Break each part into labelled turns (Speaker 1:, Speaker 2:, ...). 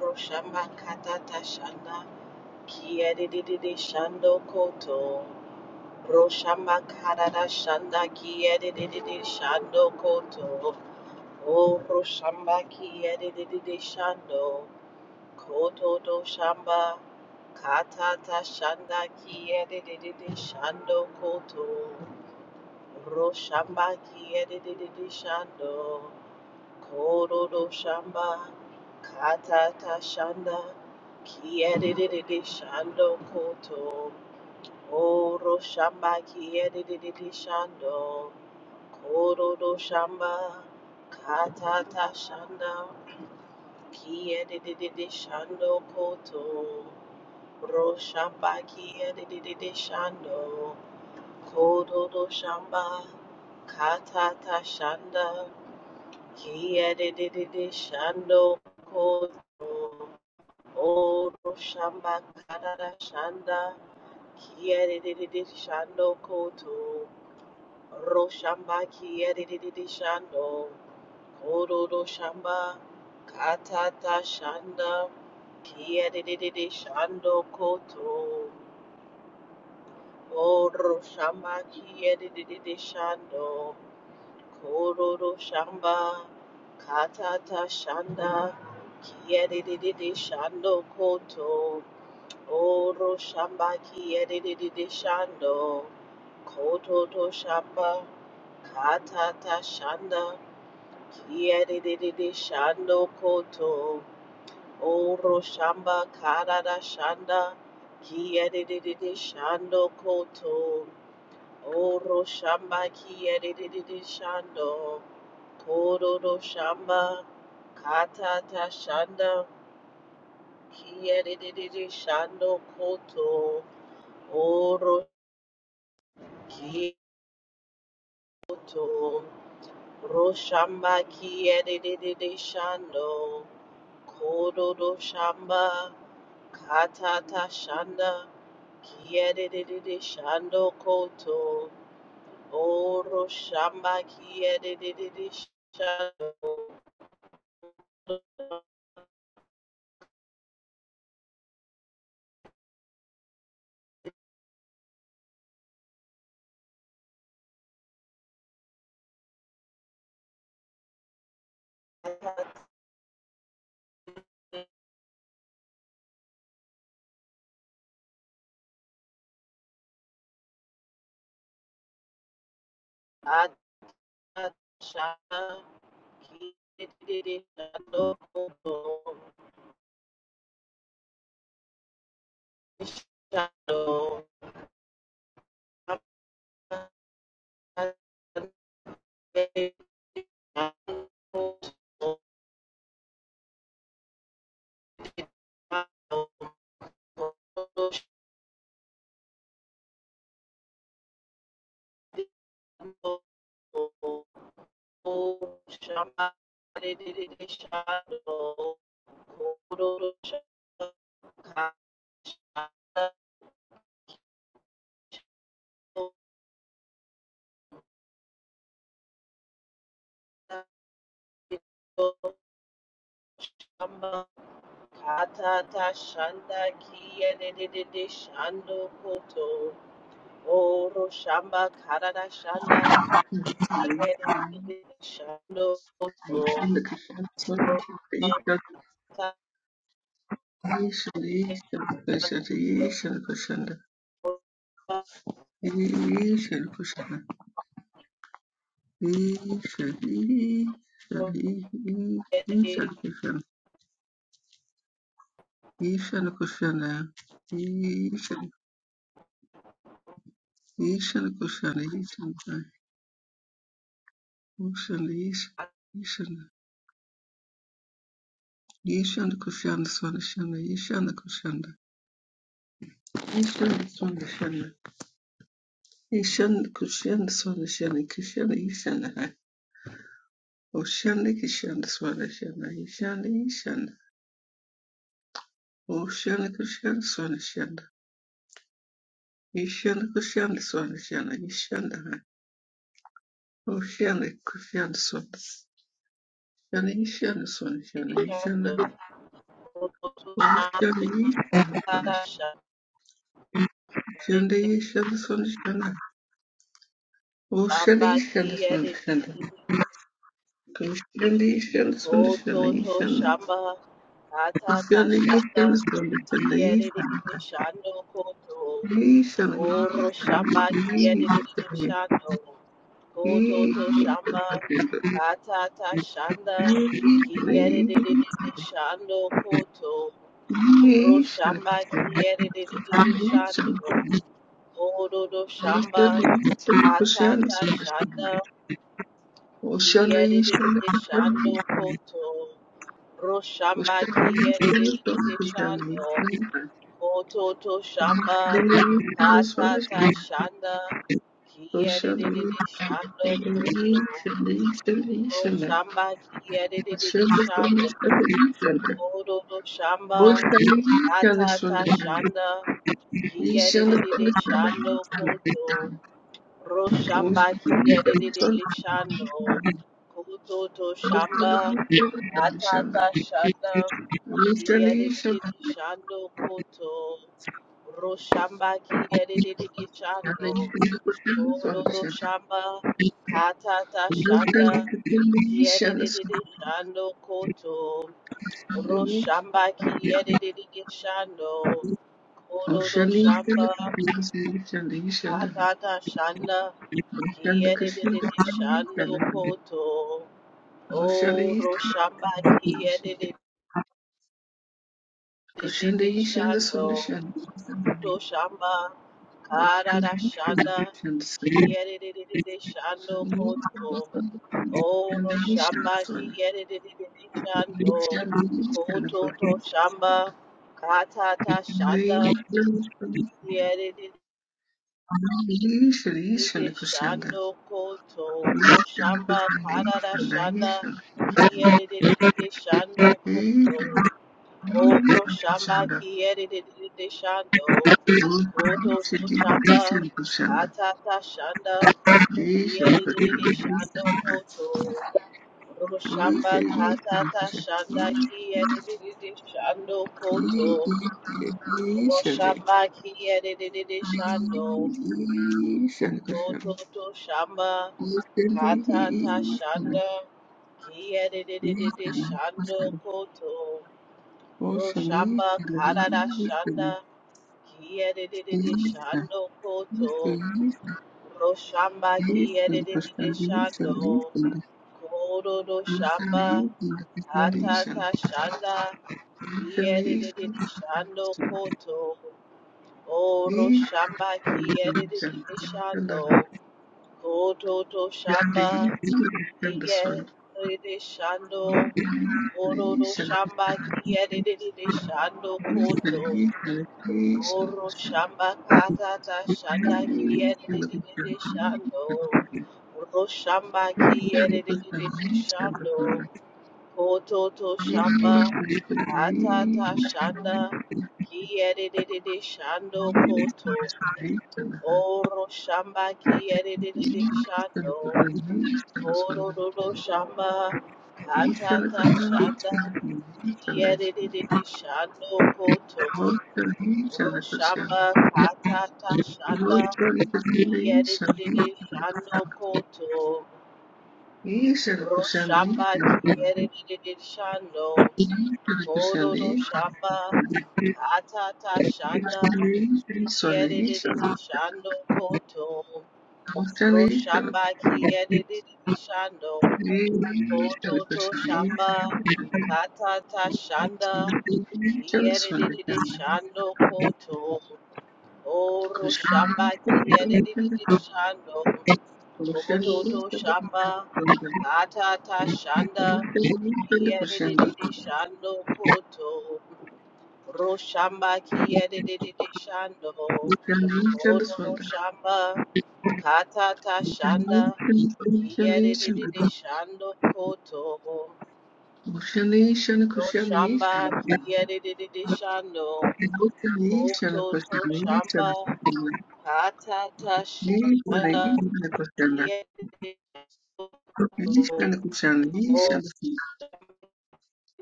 Speaker 1: Roshamba katata shanda kiyedididi shando koto. Roshamba karada shanda kiyedididi shando koto. O roshamba kiyedididi shando koto do shamba katata shanda kiyedididi shando koto. Roshamba kiyedididi shando. Kororo shamba, katata shanda, kiedididi shando koto. Oro shamba kiedididi shando, kororo shamba, katata shanda, kiedididi shando koto. Ro shamba kiedididi shando, kororo shamba, katata shanda. Kia de de de de shando koto oro shamba karara shanda. Kia de de de de shando koto ro shamba kia de de de de shando koro ro shamba katata shanda. Kia de de de de shando koto oro shamba kia de de de de shando. Kororo shamba, katata shanda, kiyedididi shando koto, oro shamba kiyedididi shando, kototo shamba, katata shanda, kiyedididi shando koto, oro shamba karada shanda, kiyedididi shando koto, oro shamba kiyedididi shando. Kororo shamba, katata shanda, kiyeriri shando koto, oro kioto, roshamba kiyeriri shando, kororo shamba, katata shanda, kiyeriri shando koto, oro shamba kiyeriri shando, katata shanda. Shanda kiye de de de de shando koto. Oro shamba karada shanda
Speaker 2: Kushana,
Speaker 1: yere shando oro
Speaker 2: Kushana, Kushana,
Speaker 1: shamba shando
Speaker 2: Kushana, Kushana, Kushana, Kushana, Oshanda kishanda swana shanda. Ishanda ishanda. Oshanda kushanda swana shanda. Ishanda kushanda swana shanda. Ishanda ha. Oshanda kushanda swana. Shanda ishanda swana shanda. Ishanda ha.
Speaker 1: oro shamba
Speaker 2: Oshanda ishanda swana shanda.
Speaker 1: shande
Speaker 2: Shanda ishanda swana shanda. Oshanda
Speaker 1: shamba
Speaker 2: ishanda
Speaker 1: kiyere
Speaker 2: swana shanda. Oshanda ishanda swana shanda. Ishanda. Oshanda ishanda swana
Speaker 1: oto to
Speaker 2: shanda. Ishanda.
Speaker 1: shamba kata ta shanda kiyere shando koto Oro shamba
Speaker 2: Ishanda.
Speaker 1: kiyadididi
Speaker 2: Ishanda.
Speaker 1: shando. Koto to
Speaker 2: Ocean,
Speaker 1: shamba kata ta shanda kiyadididi shando koto. Ro shamba kiyadididi shando. Oro do shamba kata ta shanda kiyadididi shando koto. Ro shamba kiyadididi shando. Ototo shamba katata shanda kiyedididi shando koto ro shamba kiyedididi shando kododo shamba katata shanda kiyedididi shando koto ro
Speaker 2: Ocean
Speaker 1: shamba kiyedididi shando kototo shamba katata shanda kiyedididi shando koto Roshamba Kiyadididi Chando, Ododo Shamba, Katata Shanda, Kiyadididi Shando Koto, Roshamba Kiyadididi Shando, Ododo Shamba, Katata Shanda, Kiyadididi Shando Koto, O Roshamba Kiyadididi Shando, to Karada shanda kiyerere shando koto oro shamba kiyerere shando
Speaker 2: Richard
Speaker 1: koto to shamba katata shanda kiyerere shando koto ro shamba karara shanda
Speaker 2: Ishana
Speaker 1: kiyerere shando koto oro shamba kiyerere shando Kototo chamba, atata shanda, kiyedididi shando koto. Roshamba katata shanda, kiyedididi shando koto. Roshamba kiyedididi shando. Kototo shamba, katata shanda, kiyedididi shando koto.
Speaker 2: Bolshevik
Speaker 1: Roshamba karada
Speaker 2: revolution is
Speaker 1: shanda, kiyedididi shando koto. Roshamba ki edididi shando, kododo shamba, atata shanda, i edididi shando koto. O roshamba ki edididi shando, kododo shamba, i edididi shando, kododo shamba ki edididi shando koto. O roshamba katata shanda ki edididi shando. Rogo shamba ki edidididi shando. Koto to shamba.
Speaker 2: Thank
Speaker 1: Kata ta
Speaker 2: you.
Speaker 1: shanda. Ki edidididi shando koto.
Speaker 2: Iyithalakalaha,
Speaker 1: Oro shamba ki edidididi shando.
Speaker 2: iyithalakalaha,
Speaker 1: Oro
Speaker 2: iyithalaswala,
Speaker 1: rodo shamba. Kata ta
Speaker 2: iyithalakalaha, iyithalakalaha,
Speaker 1: shanda. Ki
Speaker 2: iyithalaswala,
Speaker 1: edidididi shando koto.
Speaker 2: iyithala-
Speaker 1: Oro
Speaker 2: iyithalakashanda,
Speaker 1: shamba kata ta shanda.
Speaker 2: iyithalakashanda,
Speaker 1: Ki edidididi shando koto.
Speaker 2: iyishanda, iyithalakashanda,
Speaker 1: Roshamba
Speaker 2: iyithalakala,
Speaker 1: kiyerere shando,
Speaker 2: iyithalakashanda, iyithalakashanda,
Speaker 1: ododo shamba, katata shanda,
Speaker 2: iyithalaswala, iyithala- iyithala- iyithalakashanda, iyithalakashanda,
Speaker 1: kiyerere
Speaker 2: iyithalaswala,
Speaker 1: shando koto.
Speaker 2: iyithalaswala, iyithalaswala, iyithalaswala,
Speaker 1: Roshamba kiyerere shando, kototo shamba, katata shanda, kiyerere shando koto. O roshamba kiyerere shando,
Speaker 2: Kosher instant
Speaker 1: kototo shamba,
Speaker 2: Swanda.
Speaker 1: katata shanda.
Speaker 2: Instant Koshenda.
Speaker 1: Yedididi shando koto, roshamba ki yedididi shando,
Speaker 2: Kushanation
Speaker 1: kororo
Speaker 2: Swanda.
Speaker 1: shamba, katata shanda,
Speaker 2: Kushanation.
Speaker 1: ki
Speaker 2: Kushanation Kushanation.
Speaker 1: yedididi shando koto,
Speaker 2: Kushanation Kushanation.
Speaker 1: roshamba ki yedididi shando,
Speaker 2: Kushanation Koshenda. Kushan
Speaker 1: koto
Speaker 2: Kushanation.
Speaker 1: to shamba, katata shanda,
Speaker 2: Kushan
Speaker 1: ki yedididi koto,
Speaker 2: Kushanation
Speaker 1: oh,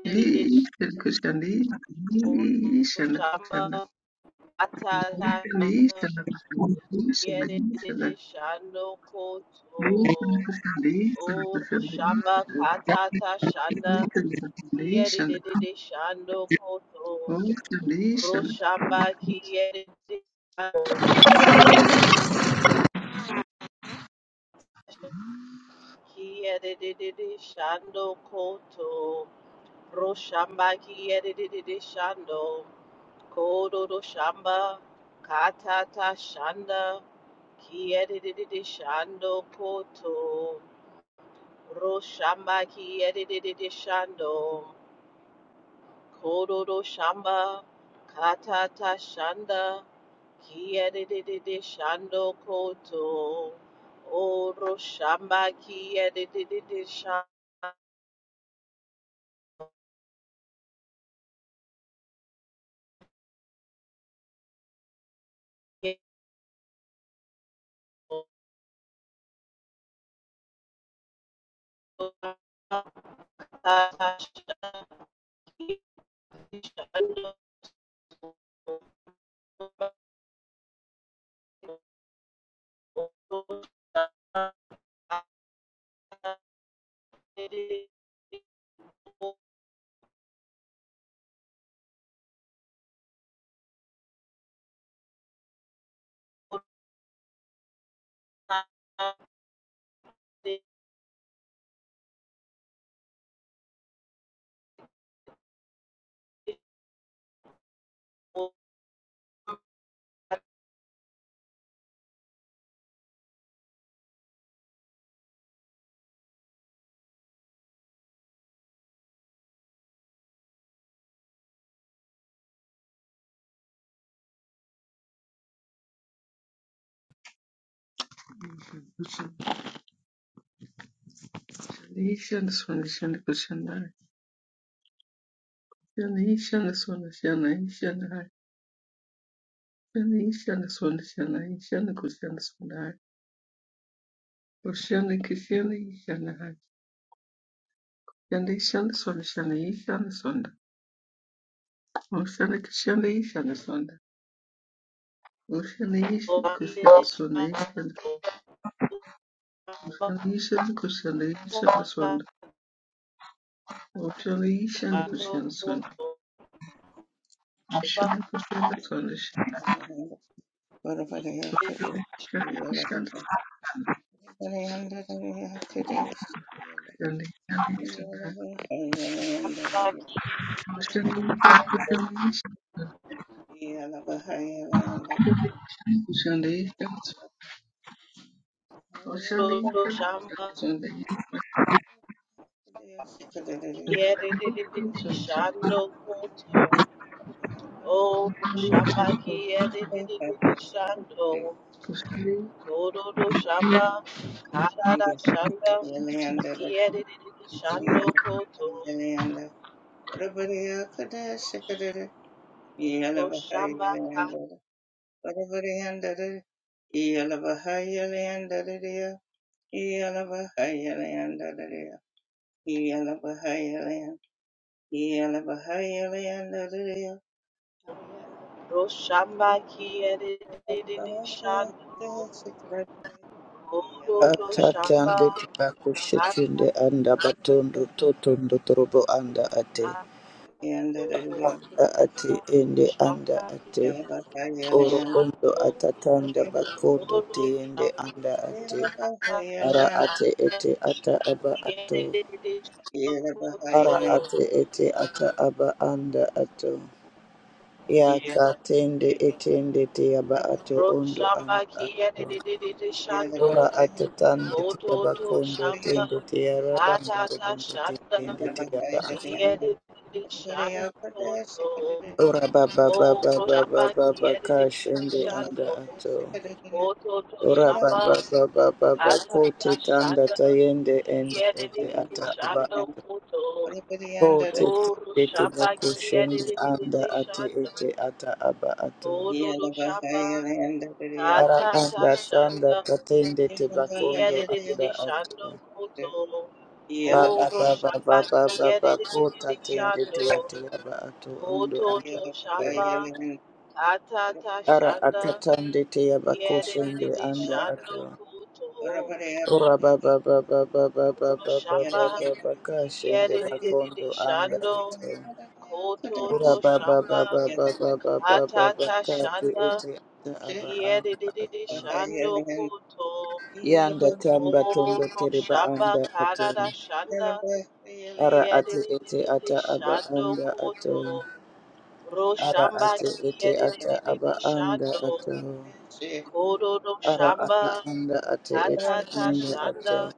Speaker 1: yedididi
Speaker 2: Koshenda.
Speaker 1: shando, koto
Speaker 2: Kushanation
Speaker 1: shamba, katata shanda.
Speaker 2: Koshenda.
Speaker 1: Yedede shando
Speaker 2: Kushanda,
Speaker 1: koto o shamba katata shanda yedede shando koto roshamba kiyedede koto ki kiyedede shando koto roshamba kiyedede shando kodo do shamba katata shanda ki kiyedede shando koto Roshamba ki edididi shando, kororo shamba, katata shanda, ki edididi shando koto. O roshamba ki edididi shando, katata shanda, ki edididi shando. koto, shamba, Oh,
Speaker 2: Utoliisha ni kushamsoni.
Speaker 1: Shamba
Speaker 2: Mushana
Speaker 3: Yeah.
Speaker 2: kushana sonisha. Kushanisha kushanisha na. Kushanisha kushanisha kushanisha. Kushanisha kushanisha kushanisha.
Speaker 1: Shando,
Speaker 2: Kushanisha
Speaker 1: Kododo Shamba, Kadada Shanda, Kiedid Shando Koto,
Speaker 3: Yeah.
Speaker 1: Roshamba, Roshamba Kiedid Shando, Kododo
Speaker 4: Atatande
Speaker 1: Shamba, Shamba,
Speaker 4: tibakushetende anda batondo totondo torobo anda ate anda ate ende anda ate oro ondo atatanda bakondo tiende anda ate ara ate ete ata aba ato ara ate ete ata aba anda ato ya katende etende te aba ato ondo anda ato Ora atetande tiyabakondo tende tiyarabando robondo tende tiyaba ato. Ora baba baba baba baba kashende anda ato. Ora baba baba
Speaker 1: Atata
Speaker 4: baba kote kanda
Speaker 1: Shanda
Speaker 4: tayende ende
Speaker 1: Yere
Speaker 4: ete
Speaker 1: dedi Ki
Speaker 4: ata aba.
Speaker 1: Shando koto
Speaker 4: Kote
Speaker 1: koro
Speaker 4: tende
Speaker 1: shamba
Speaker 4: tibako
Speaker 1: kiyere
Speaker 4: anda ate
Speaker 1: shando
Speaker 4: ete ata aba ato.
Speaker 1: koro do shamba
Speaker 3: Yeah,
Speaker 4: Ara
Speaker 1: ata ta
Speaker 4: anda sanda
Speaker 1: shanda
Speaker 4: tatende tibakondo
Speaker 1: kiyere
Speaker 4: anda ato.
Speaker 1: shando koto
Speaker 4: Raba
Speaker 1: koro
Speaker 4: baba
Speaker 1: shamba
Speaker 4: baba baba kota
Speaker 1: kiyere
Speaker 4: tende te
Speaker 1: shando
Speaker 4: yate yaba ato ondo
Speaker 1: kuto
Speaker 4: anda
Speaker 1: to
Speaker 4: ato.
Speaker 1: shamba ata ta
Speaker 4: Ara
Speaker 1: shanda
Speaker 4: akatande te yaba
Speaker 1: kiyere
Speaker 4: koshende anda
Speaker 1: shando
Speaker 4: ato.
Speaker 1: koto
Speaker 4: Ora baba baba baba baba
Speaker 1: koro shamba
Speaker 4: baba baba kashende
Speaker 1: kiyere
Speaker 4: bakondo anda
Speaker 1: shando
Speaker 4: ato.
Speaker 1: koto to
Speaker 4: Ora baba
Speaker 1: shamba
Speaker 4: baba baba baba baba
Speaker 1: Atata
Speaker 4: kati
Speaker 1: shanda
Speaker 4: ete ata aba anda
Speaker 1: kiedididi
Speaker 4: ato.
Speaker 1: shando koto
Speaker 4: Yanda tamba tondo
Speaker 1: oro
Speaker 4: tereba
Speaker 1: shamba
Speaker 4: anda ato.
Speaker 1: karada shanda
Speaker 4: Ara ate ete
Speaker 1: kiedididi
Speaker 4: ata aba
Speaker 1: shando
Speaker 4: anda ato.
Speaker 1: koto ro
Speaker 4: Ara
Speaker 1: shamba
Speaker 4: ate ete ata aba
Speaker 1: kiedididi
Speaker 4: anda
Speaker 1: shando
Speaker 4: ato.
Speaker 3: Yeah.
Speaker 1: kodo do
Speaker 3: Yeah.
Speaker 4: Ara ata
Speaker 1: shamba
Speaker 4: anda ate ete
Speaker 1: atata
Speaker 4: anda ato.
Speaker 1: shanda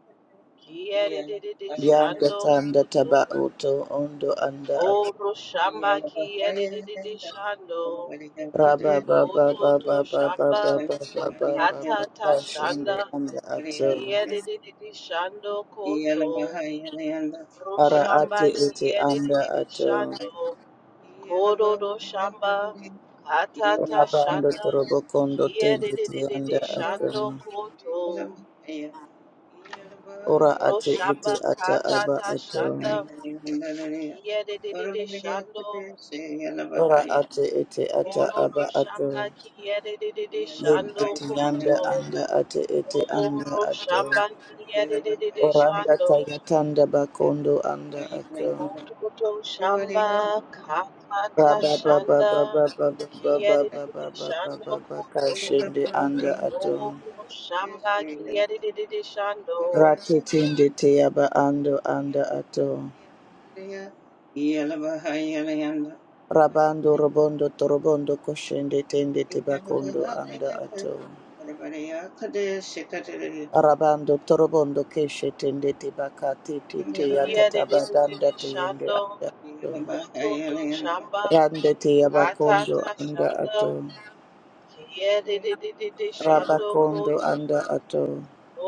Speaker 1: kiedididi
Speaker 4: Yanda
Speaker 1: shando
Speaker 4: tanda
Speaker 1: koto
Speaker 4: taba oto ondo
Speaker 1: o
Speaker 4: anda ato.
Speaker 1: oro shamba kiedididi shando
Speaker 4: Raba ba ba
Speaker 1: koto
Speaker 4: ba ba
Speaker 1: to
Speaker 4: ba ba ba ba
Speaker 1: shamba
Speaker 4: ba ba ba ba.
Speaker 1: atata
Speaker 4: Kashinde
Speaker 1: shanda
Speaker 4: anda ato.
Speaker 1: Kiedididi shando koto,
Speaker 4: Ara
Speaker 1: roshamba
Speaker 4: ate ete anda
Speaker 1: kiedididi
Speaker 4: ato.
Speaker 1: shando, kododo shamba, katata
Speaker 4: Raba ando
Speaker 1: shanda,
Speaker 4: torobo kondo tende te
Speaker 1: kiedididi
Speaker 4: anda ato.
Speaker 1: shando koto,
Speaker 4: Ora ate ete
Speaker 1: roshamba
Speaker 4: ata aba
Speaker 1: katata
Speaker 4: ato.
Speaker 1: shanda,
Speaker 3: Yeah.
Speaker 1: kiedididi shando,
Speaker 4: Ora ate ete ata aba
Speaker 1: kododo shamba
Speaker 4: ato.
Speaker 1: kiedididi shando
Speaker 4: Yekuti yanda
Speaker 1: koto,
Speaker 4: anda ate ete
Speaker 1: oh,
Speaker 4: anda ato.
Speaker 1: roshamba kiedididi
Speaker 4: Oranda
Speaker 1: shando,
Speaker 4: taya tanda bakondo anda ato.
Speaker 1: Motokoto shamba kakata
Speaker 4: Raba baba
Speaker 1: shanda
Speaker 4: baba baba baba baba
Speaker 1: kiyadididi
Speaker 4: baba
Speaker 1: shando
Speaker 4: baba
Speaker 1: koto
Speaker 4: kashende anda ato.
Speaker 1: Oro shamba kiyadididi shando
Speaker 4: Ratetende teyaba ando anda ato. Rabando robondo torobondo koshende tende tebakondo anda ato. Rabando torobondo keshe tende tebakati tete yatatabadanda
Speaker 1: kiyadididi
Speaker 4: teyende
Speaker 1: shando
Speaker 4: anda ato.
Speaker 1: kototo shamba
Speaker 4: Randete Yabakondo
Speaker 1: katata
Speaker 4: anda
Speaker 1: shanda
Speaker 4: ato.
Speaker 1: kiyadididi shando
Speaker 4: Rabakondo
Speaker 1: koto
Speaker 4: anda ato.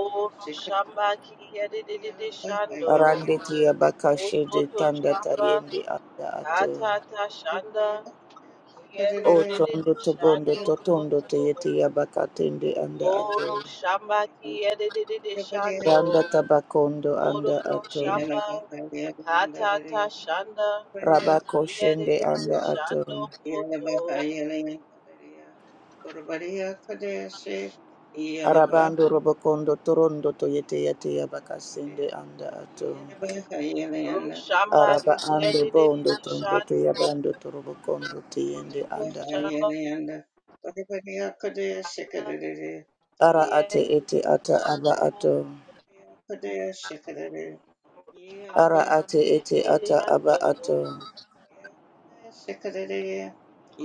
Speaker 1: Oro shamba kiyadididi shando
Speaker 4: Randete Yabakashede
Speaker 1: kototo
Speaker 4: Kanda
Speaker 1: shamba
Speaker 4: Tayende anda ato.
Speaker 1: katata shanda
Speaker 4: O
Speaker 1: Kiyadidididi
Speaker 4: tondo tobondo
Speaker 1: shando
Speaker 4: totondo
Speaker 1: koto.
Speaker 4: teyete Yabakatende anda
Speaker 1: Oro
Speaker 4: ato.
Speaker 1: shamba kiyadidididi shando.
Speaker 4: Randa Tabakondo
Speaker 1: Oro
Speaker 4: anda
Speaker 1: do
Speaker 4: ato.
Speaker 1: shamba katata shanda.
Speaker 4: Rabakoshende
Speaker 1: Kiyadidididi
Speaker 4: anda
Speaker 1: shando
Speaker 4: ato.
Speaker 1: koto.
Speaker 4: Arabando Robokondo Torondo Toyete Yate Yabakasende anda ato.
Speaker 1: Ro shamba
Speaker 3: Yeah.
Speaker 4: Araba ando bondo
Speaker 1: kiyadidididi
Speaker 4: tondo to
Speaker 3: Yeah,
Speaker 1: shando.
Speaker 4: yabando torobo kondo tiende
Speaker 1: Oro shamba
Speaker 4: Ara ate
Speaker 1: kiyadidididi
Speaker 4: ete ata aba
Speaker 1: shando.
Speaker 4: ato. Ara ate ete ata aba ato.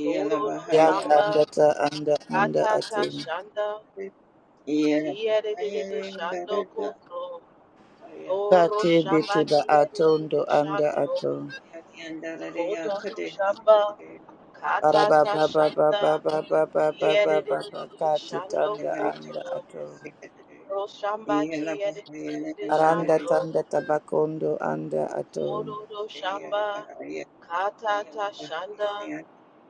Speaker 1: Koro do
Speaker 4: Yaka
Speaker 1: shamba
Speaker 4: anda ta anda anda
Speaker 1: katata
Speaker 4: ato.
Speaker 1: shanda. Kiyadidididi shando koto. Oro
Speaker 4: Kate bete
Speaker 1: shamba
Speaker 4: ba ato ndo
Speaker 1: kiyerere
Speaker 4: anda
Speaker 1: shando,
Speaker 4: ato.
Speaker 1: kododo shamba,
Speaker 4: Araba
Speaker 1: katata
Speaker 4: ba ba ba ba
Speaker 1: shanda,
Speaker 4: ba ba ba ba ba ba
Speaker 1: kiyerere
Speaker 4: ba ba kate
Speaker 1: shando
Speaker 4: tanda anda
Speaker 1: koto,
Speaker 4: ato.
Speaker 1: ro shamba kiyerere
Speaker 4: Aranda
Speaker 1: shando,
Speaker 4: tanda tabakondo anda ato.
Speaker 1: kododo shamba,
Speaker 3: Yeah.
Speaker 1: katata shanda,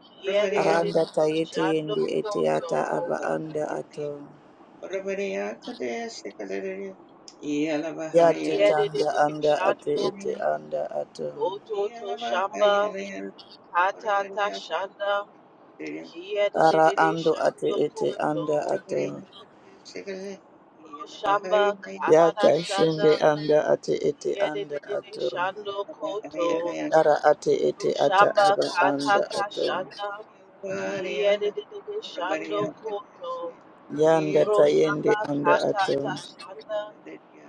Speaker 1: kiyerere
Speaker 4: Aranda tayete
Speaker 1: shando
Speaker 4: yende ete ata
Speaker 1: koto,
Speaker 4: aba anda ato. Yate tanda
Speaker 1: kiyerere
Speaker 4: anda ate
Speaker 1: shando,
Speaker 4: ete anda ato.
Speaker 1: kototo shamba, katata shanda,
Speaker 4: Ara
Speaker 1: kiyerere
Speaker 4: ando ate
Speaker 1: shando
Speaker 4: ete anda
Speaker 1: koto.
Speaker 4: ato.
Speaker 1: Shamba Karada
Speaker 4: Yaka shende
Speaker 1: Shanda
Speaker 4: anda ate ete anda
Speaker 1: Kiyedididi
Speaker 4: ato.
Speaker 1: Shando Koto
Speaker 4: Ara ate ete ata
Speaker 1: Shamba
Speaker 4: aba anda
Speaker 1: Katata
Speaker 4: ato.
Speaker 1: Shanda Kiyedididi Shando Koto
Speaker 4: Yanda tayende
Speaker 1: Roshamba
Speaker 4: anda ato.
Speaker 1: Katata Shanda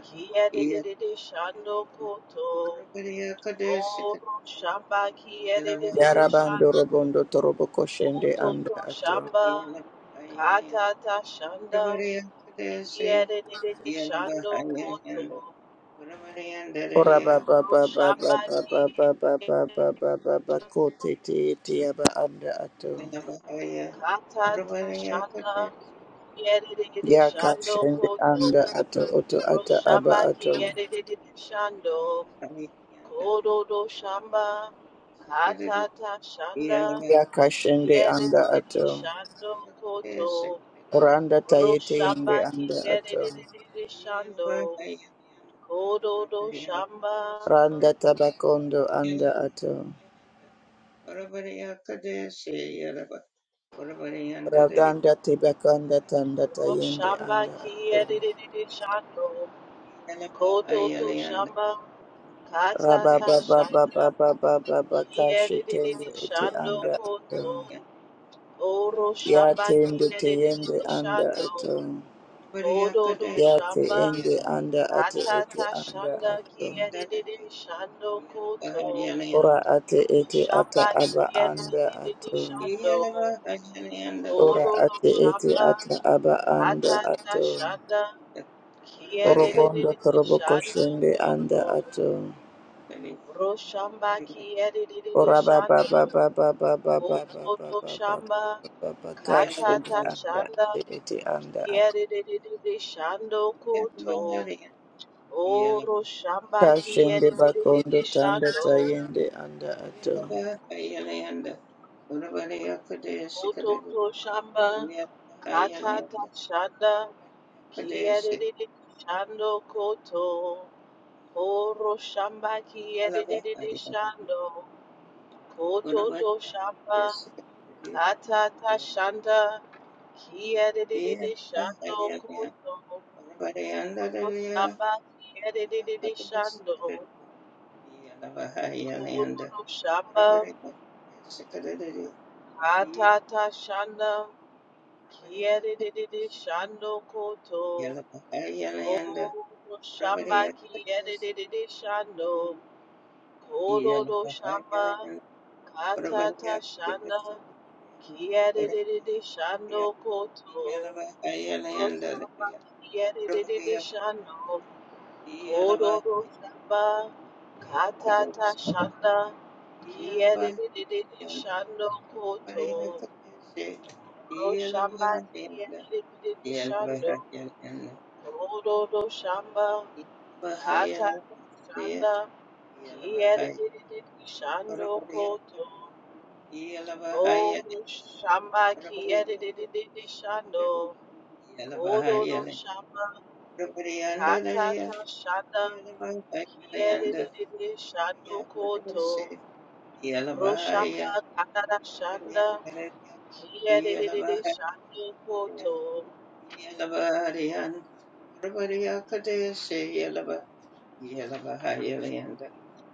Speaker 1: Kiyedididi Shando Koto
Speaker 3: Parabariya Kadesh
Speaker 1: O Roshamba
Speaker 3: Yelava
Speaker 1: Kiyedididi
Speaker 3: Halayakaya
Speaker 4: Yarabando
Speaker 1: Shando
Speaker 4: robondo torobo koshende
Speaker 1: Koto
Speaker 4: anda ato.
Speaker 1: Roshamba
Speaker 3: Yelava Hayalayan
Speaker 1: Katata Shanda
Speaker 3: Parabariya Kadesh
Speaker 1: Kiyedididi
Speaker 3: Yelava
Speaker 1: Shando
Speaker 3: Hayayan
Speaker 1: Koto
Speaker 3: Parabariyan
Speaker 4: Ora
Speaker 3: Daradiya
Speaker 4: ba ba ba ba ba
Speaker 1: Roshamba
Speaker 4: ba ba ba ba ba ba ba ba ba ko te te te aba anda ato.
Speaker 3: Yelava haya.
Speaker 1: Kata
Speaker 3: Parabariya
Speaker 1: tashaka
Speaker 3: Kadesh
Speaker 1: yedididi
Speaker 4: ya
Speaker 3: Yelava
Speaker 1: shando
Speaker 4: kashende
Speaker 1: kodo
Speaker 4: anda ato oto ata
Speaker 1: roshamba
Speaker 4: aba
Speaker 1: ki
Speaker 4: ato.
Speaker 1: yedididi
Speaker 3: Yelava Hayayan Parabariya
Speaker 1: shando
Speaker 3: Kadesh Yelava haya.
Speaker 1: kodo do shamba kata tashanda
Speaker 4: ya kashende anda
Speaker 1: yedididi
Speaker 4: ato.
Speaker 1: shando koto
Speaker 4: Randa
Speaker 3: Yellow,
Speaker 4: tayete
Speaker 1: roshamba
Speaker 4: yende
Speaker 1: ki
Speaker 4: anda ato.
Speaker 1: yedididi
Speaker 3: Yellow
Speaker 1: shando kodo do
Speaker 3: Diana
Speaker 1: shamba
Speaker 4: Randa tabakondo anda ato.
Speaker 3: Orabariakadesh Orabariakadesh Yellow Orabarianda
Speaker 4: Raganda tibakanda tanda tayende
Speaker 1: roshamba
Speaker 4: anda
Speaker 1: ki
Speaker 4: ato.
Speaker 1: yedididi shando
Speaker 3: Yellow
Speaker 1: koto do
Speaker 3: Ayalianda
Speaker 1: shamba kata
Speaker 3: Orabariakadesh
Speaker 4: Rababa baba
Speaker 1: tashanda
Speaker 4: baba baba baka shitende
Speaker 1: Kiedede
Speaker 4: ete
Speaker 1: shando
Speaker 3: Yellow
Speaker 4: anda ato.
Speaker 1: koto oro shamba
Speaker 4: Yate ende
Speaker 1: kiedede
Speaker 4: teyende anda
Speaker 1: shando
Speaker 4: ato.
Speaker 3: Orabarianda
Speaker 1: kododo do
Speaker 3: Yellow
Speaker 4: Yate
Speaker 1: shamba
Speaker 4: ende anda ato ete
Speaker 1: atata
Speaker 4: anda
Speaker 1: shanda
Speaker 4: ato.
Speaker 1: kiedede shando koto
Speaker 3: Ayalianda
Speaker 4: Ora ate ete ata
Speaker 1: shamba
Speaker 4: aba anda
Speaker 1: kiedede
Speaker 4: ato.
Speaker 1: shando
Speaker 3: Yellow Ayalianda
Speaker 4: Ora
Speaker 1: kododo do
Speaker 4: ate ete
Speaker 1: shamba
Speaker 4: ata aba anda
Speaker 1: atata
Speaker 4: ato.
Speaker 1: shanda kiedede
Speaker 3: Orabariakadesh
Speaker 4: Orobondo torobo
Speaker 1: shando
Speaker 4: koshende anda
Speaker 1: koto
Speaker 4: ato.
Speaker 3: Yeah.
Speaker 1: ro shamba kiedede
Speaker 4: Oraba ba
Speaker 1: shando
Speaker 4: ba ba ba ba ba
Speaker 1: koto shamba
Speaker 3: Iya,
Speaker 4: kashende
Speaker 1: Katata
Speaker 4: anda
Speaker 1: shanda
Speaker 4: ate ete anda ato.
Speaker 1: kiyerere shando koto oro shamba
Speaker 4: Kashende
Speaker 1: kiyerere
Speaker 4: bakondo tanda
Speaker 1: shando
Speaker 4: tayende anda ato.
Speaker 3: iya, iya. Orang
Speaker 1: koto to shamba katata shanda kiyerere shando koto oro shamba kiyerere shando koto to shamba katata shanda kiyerere shando koto
Speaker 3: pada yang ada dia.
Speaker 1: Roshamba
Speaker 3: Yellow,
Speaker 1: kiyadididi shando. Kororo shamba atata shanda kiyadididi shando koto. Kororo shamba kiyadididi shando. Kororo shamba atata shanda kiyadididi shando koto. Roshamba kiyadididi shando. Kororo samba, katata shanda, kiyerere shando
Speaker 3: Yellow
Speaker 1: koto, roshamba kiyerere shando, kororo shamba, katata shanda, kiyerere shando koto, oro shamba kiyerere shando, kororo shamba, katata shanda, kiyerere shando koto. Roshapa Takara Shanda Kiyadididi Shando Koto
Speaker 3: Yelabayelanda,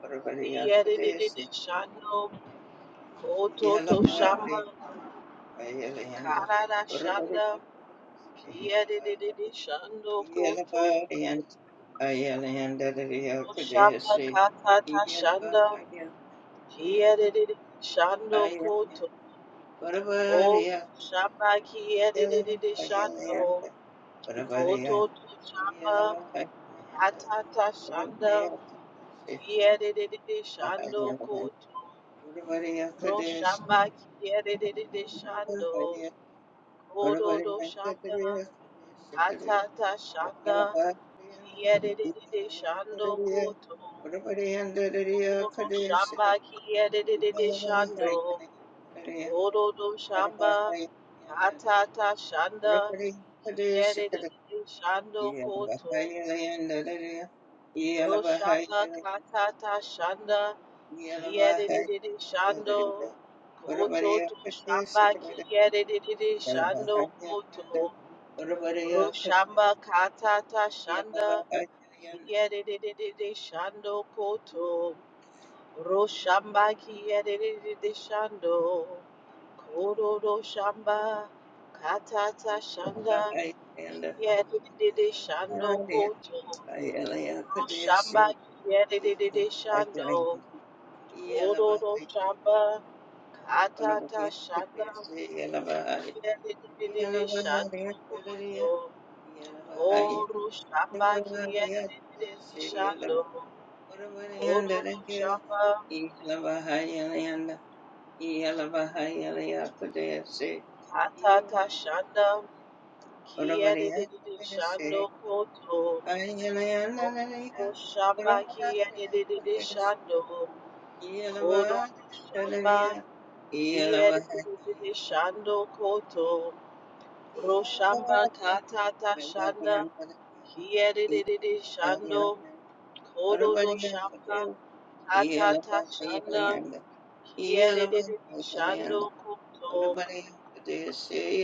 Speaker 3: Urvaria
Speaker 1: Kiyadididi
Speaker 3: Kadesi,
Speaker 1: Shando Koto To Shamba
Speaker 3: Yelabayelanda,
Speaker 1: Karada
Speaker 3: Urvaria
Speaker 1: Shanda
Speaker 3: Kadesi,
Speaker 1: Kiyadididi Shando Koto
Speaker 3: Yelabayelanda, Ayelanda, Ria
Speaker 1: Roshapa
Speaker 3: Kadesi,
Speaker 1: Katata Shanda
Speaker 3: Yelabayelanda,
Speaker 1: Kiyadididi Shando Koto O
Speaker 3: Urvaria
Speaker 1: Shapa Kiyadididi Shando
Speaker 3: Yelabayelanda, Urvaria
Speaker 1: Koto To Shamba
Speaker 3: Yelabayelanda,
Speaker 1: Katata Shanda
Speaker 3: Urvaria
Speaker 1: Kiyadididi
Speaker 3: Kadesi,
Speaker 1: Shando
Speaker 3: Yelabayelanda,
Speaker 1: Koto
Speaker 3: Urvaria Kadesi,
Speaker 1: Roshamba kiyerere shando,
Speaker 3: Yellow
Speaker 1: kododo shanda, atata shanda, kiyerere shando koto. Kododo shamba kiyerere shando, kodo do shamba, atata shanda, kiyerere shando koto. Roshamba Katata Shanda Kiedididi Shando Koto to Shamba Kiedididi Shando Koto Roshamba Katata
Speaker 3: Yeah.
Speaker 1: Shanda Kiedididi Shando Koto Roshamba Kiedididi Shando Koto Roshamba Katata Shanda Kiedididi Shando Koto Shamba yedididi shando kororo shamba katata shanda yedididi shando koto oru shamba yedididi shando kororo shamba katata shanda yedididi shando koto
Speaker 3: Yeah. Everybody else
Speaker 1: oru shamba
Speaker 3: could
Speaker 1: yedididi
Speaker 3: do
Speaker 1: shando
Speaker 3: shit.
Speaker 1: kororo shamba yedididi shando koto Roshamba Katata Shanda Kiyedididi Shando Kododo Shamba Katata Shanda
Speaker 3: You
Speaker 1: Kiyedididi Shando Koto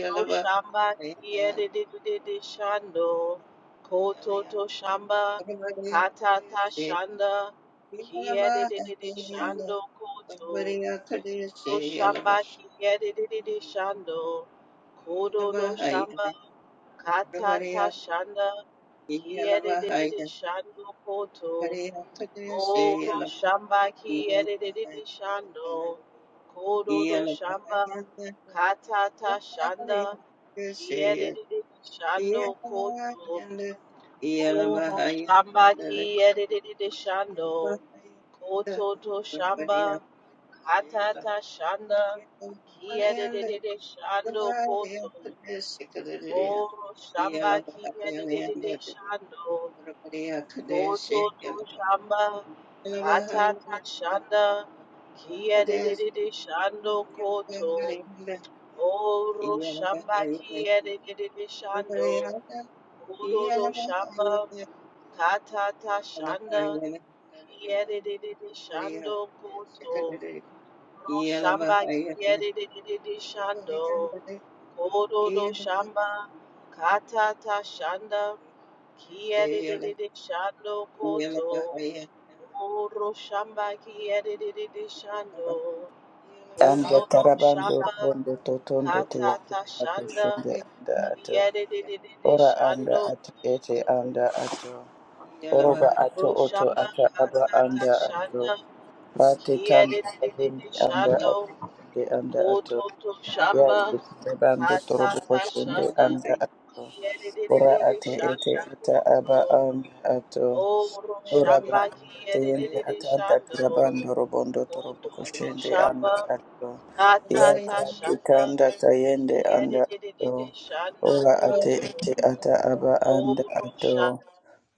Speaker 1: Roshamba Kiyedididi Shando Kototo Shamba Katata Shanda
Speaker 3: know
Speaker 1: Kiyedididi
Speaker 3: about
Speaker 1: Shando Koto
Speaker 3: Maria Kadeshi Yalaba
Speaker 1: Roshamba Kiyedididi Shando
Speaker 3: Yalaba
Speaker 1: Kododo Shamba
Speaker 3: Hayana Maria
Speaker 1: Katata
Speaker 3: Kadeshi
Speaker 1: shanda
Speaker 3: Yalaba
Speaker 1: kiyedididi
Speaker 3: Hayana
Speaker 1: shando koto
Speaker 3: Maria Kadeshi
Speaker 1: oro
Speaker 3: Yalaba
Speaker 1: shamba
Speaker 3: Yalaba
Speaker 1: kiyedididi shando
Speaker 3: Hayana
Speaker 1: kododo
Speaker 3: Yalaba
Speaker 1: shamba
Speaker 3: Hayana
Speaker 1: katata shanda
Speaker 3: Maria Kadeshi
Speaker 1: kiyedididi shando
Speaker 3: Yalaba
Speaker 1: koto
Speaker 3: Hayana Yalaba
Speaker 1: oro
Speaker 3: Hayana Yalaba Hayana
Speaker 1: shamba
Speaker 3: Maria
Speaker 1: kiyedididi shando koto to shamba
Speaker 3: Kadeshi
Speaker 1: katata shanda
Speaker 3: Yalaba Hayana
Speaker 1: kiyedididi shando koto Oro shamba kinya de de de de shando, koto to shamba, kata ta shanda, Kia de de de de shando koto. Oro shamba kinya de de de de shando, koto to shamba, kata ta shanda, Kia de de de de shando koto. Oro shamba kinya de de de de de shando, koto to shamba, kata ta shanda. Kia de de
Speaker 3: Yeah.
Speaker 1: de de shando koto. Oro shamba kia de de de de shando.
Speaker 4: Anda
Speaker 1: Koto tu
Speaker 4: tarabando
Speaker 1: shamba
Speaker 4: robondo totondo te
Speaker 1: kata
Speaker 4: yake
Speaker 1: ta shanda.
Speaker 4: bakoshende anda ato.
Speaker 1: Kia de de de de de
Speaker 4: Ora anda
Speaker 1: shando
Speaker 4: ate ete
Speaker 1: koto.
Speaker 4: anda ato. Oroba
Speaker 1: Oro
Speaker 4: ato oto
Speaker 1: shamba
Speaker 4: ata aba
Speaker 1: kata ta
Speaker 4: anda ato.
Speaker 1: shanda.
Speaker 4: Bate
Speaker 1: Kia
Speaker 4: tanda
Speaker 1: de de de de
Speaker 4: tayende
Speaker 1: de
Speaker 4: anda
Speaker 1: shando.
Speaker 4: ato. Ende anda ato.
Speaker 1: Koto tu
Speaker 4: Yes,
Speaker 1: shamba
Speaker 4: Yake bando
Speaker 1: kata
Speaker 4: torobo
Speaker 1: ta
Speaker 4: koshende
Speaker 1: shanda.
Speaker 4: anda ato.
Speaker 1: Kia de de de
Speaker 4: Ora
Speaker 1: de de
Speaker 4: ate ete
Speaker 1: shando
Speaker 4: ata aba
Speaker 1: koto.
Speaker 4: anda ato.
Speaker 1: Oro shamba
Speaker 4: Oraba
Speaker 1: kia
Speaker 4: anda
Speaker 1: de de
Speaker 4: yende
Speaker 1: de de
Speaker 4: atanda
Speaker 1: shando.
Speaker 4: kurabando robondo torobo
Speaker 1: Odoto
Speaker 4: koshende anda
Speaker 1: shamba
Speaker 4: ato.
Speaker 1: katata
Speaker 4: Yaka
Speaker 1: shanda
Speaker 4: kikanda tayende anda
Speaker 1: yedidididi
Speaker 4: ato.
Speaker 1: shando
Speaker 4: Ora
Speaker 3: Yeah.
Speaker 4: ate
Speaker 1: koto
Speaker 4: ete ata aba anda
Speaker 1: oro
Speaker 4: ato.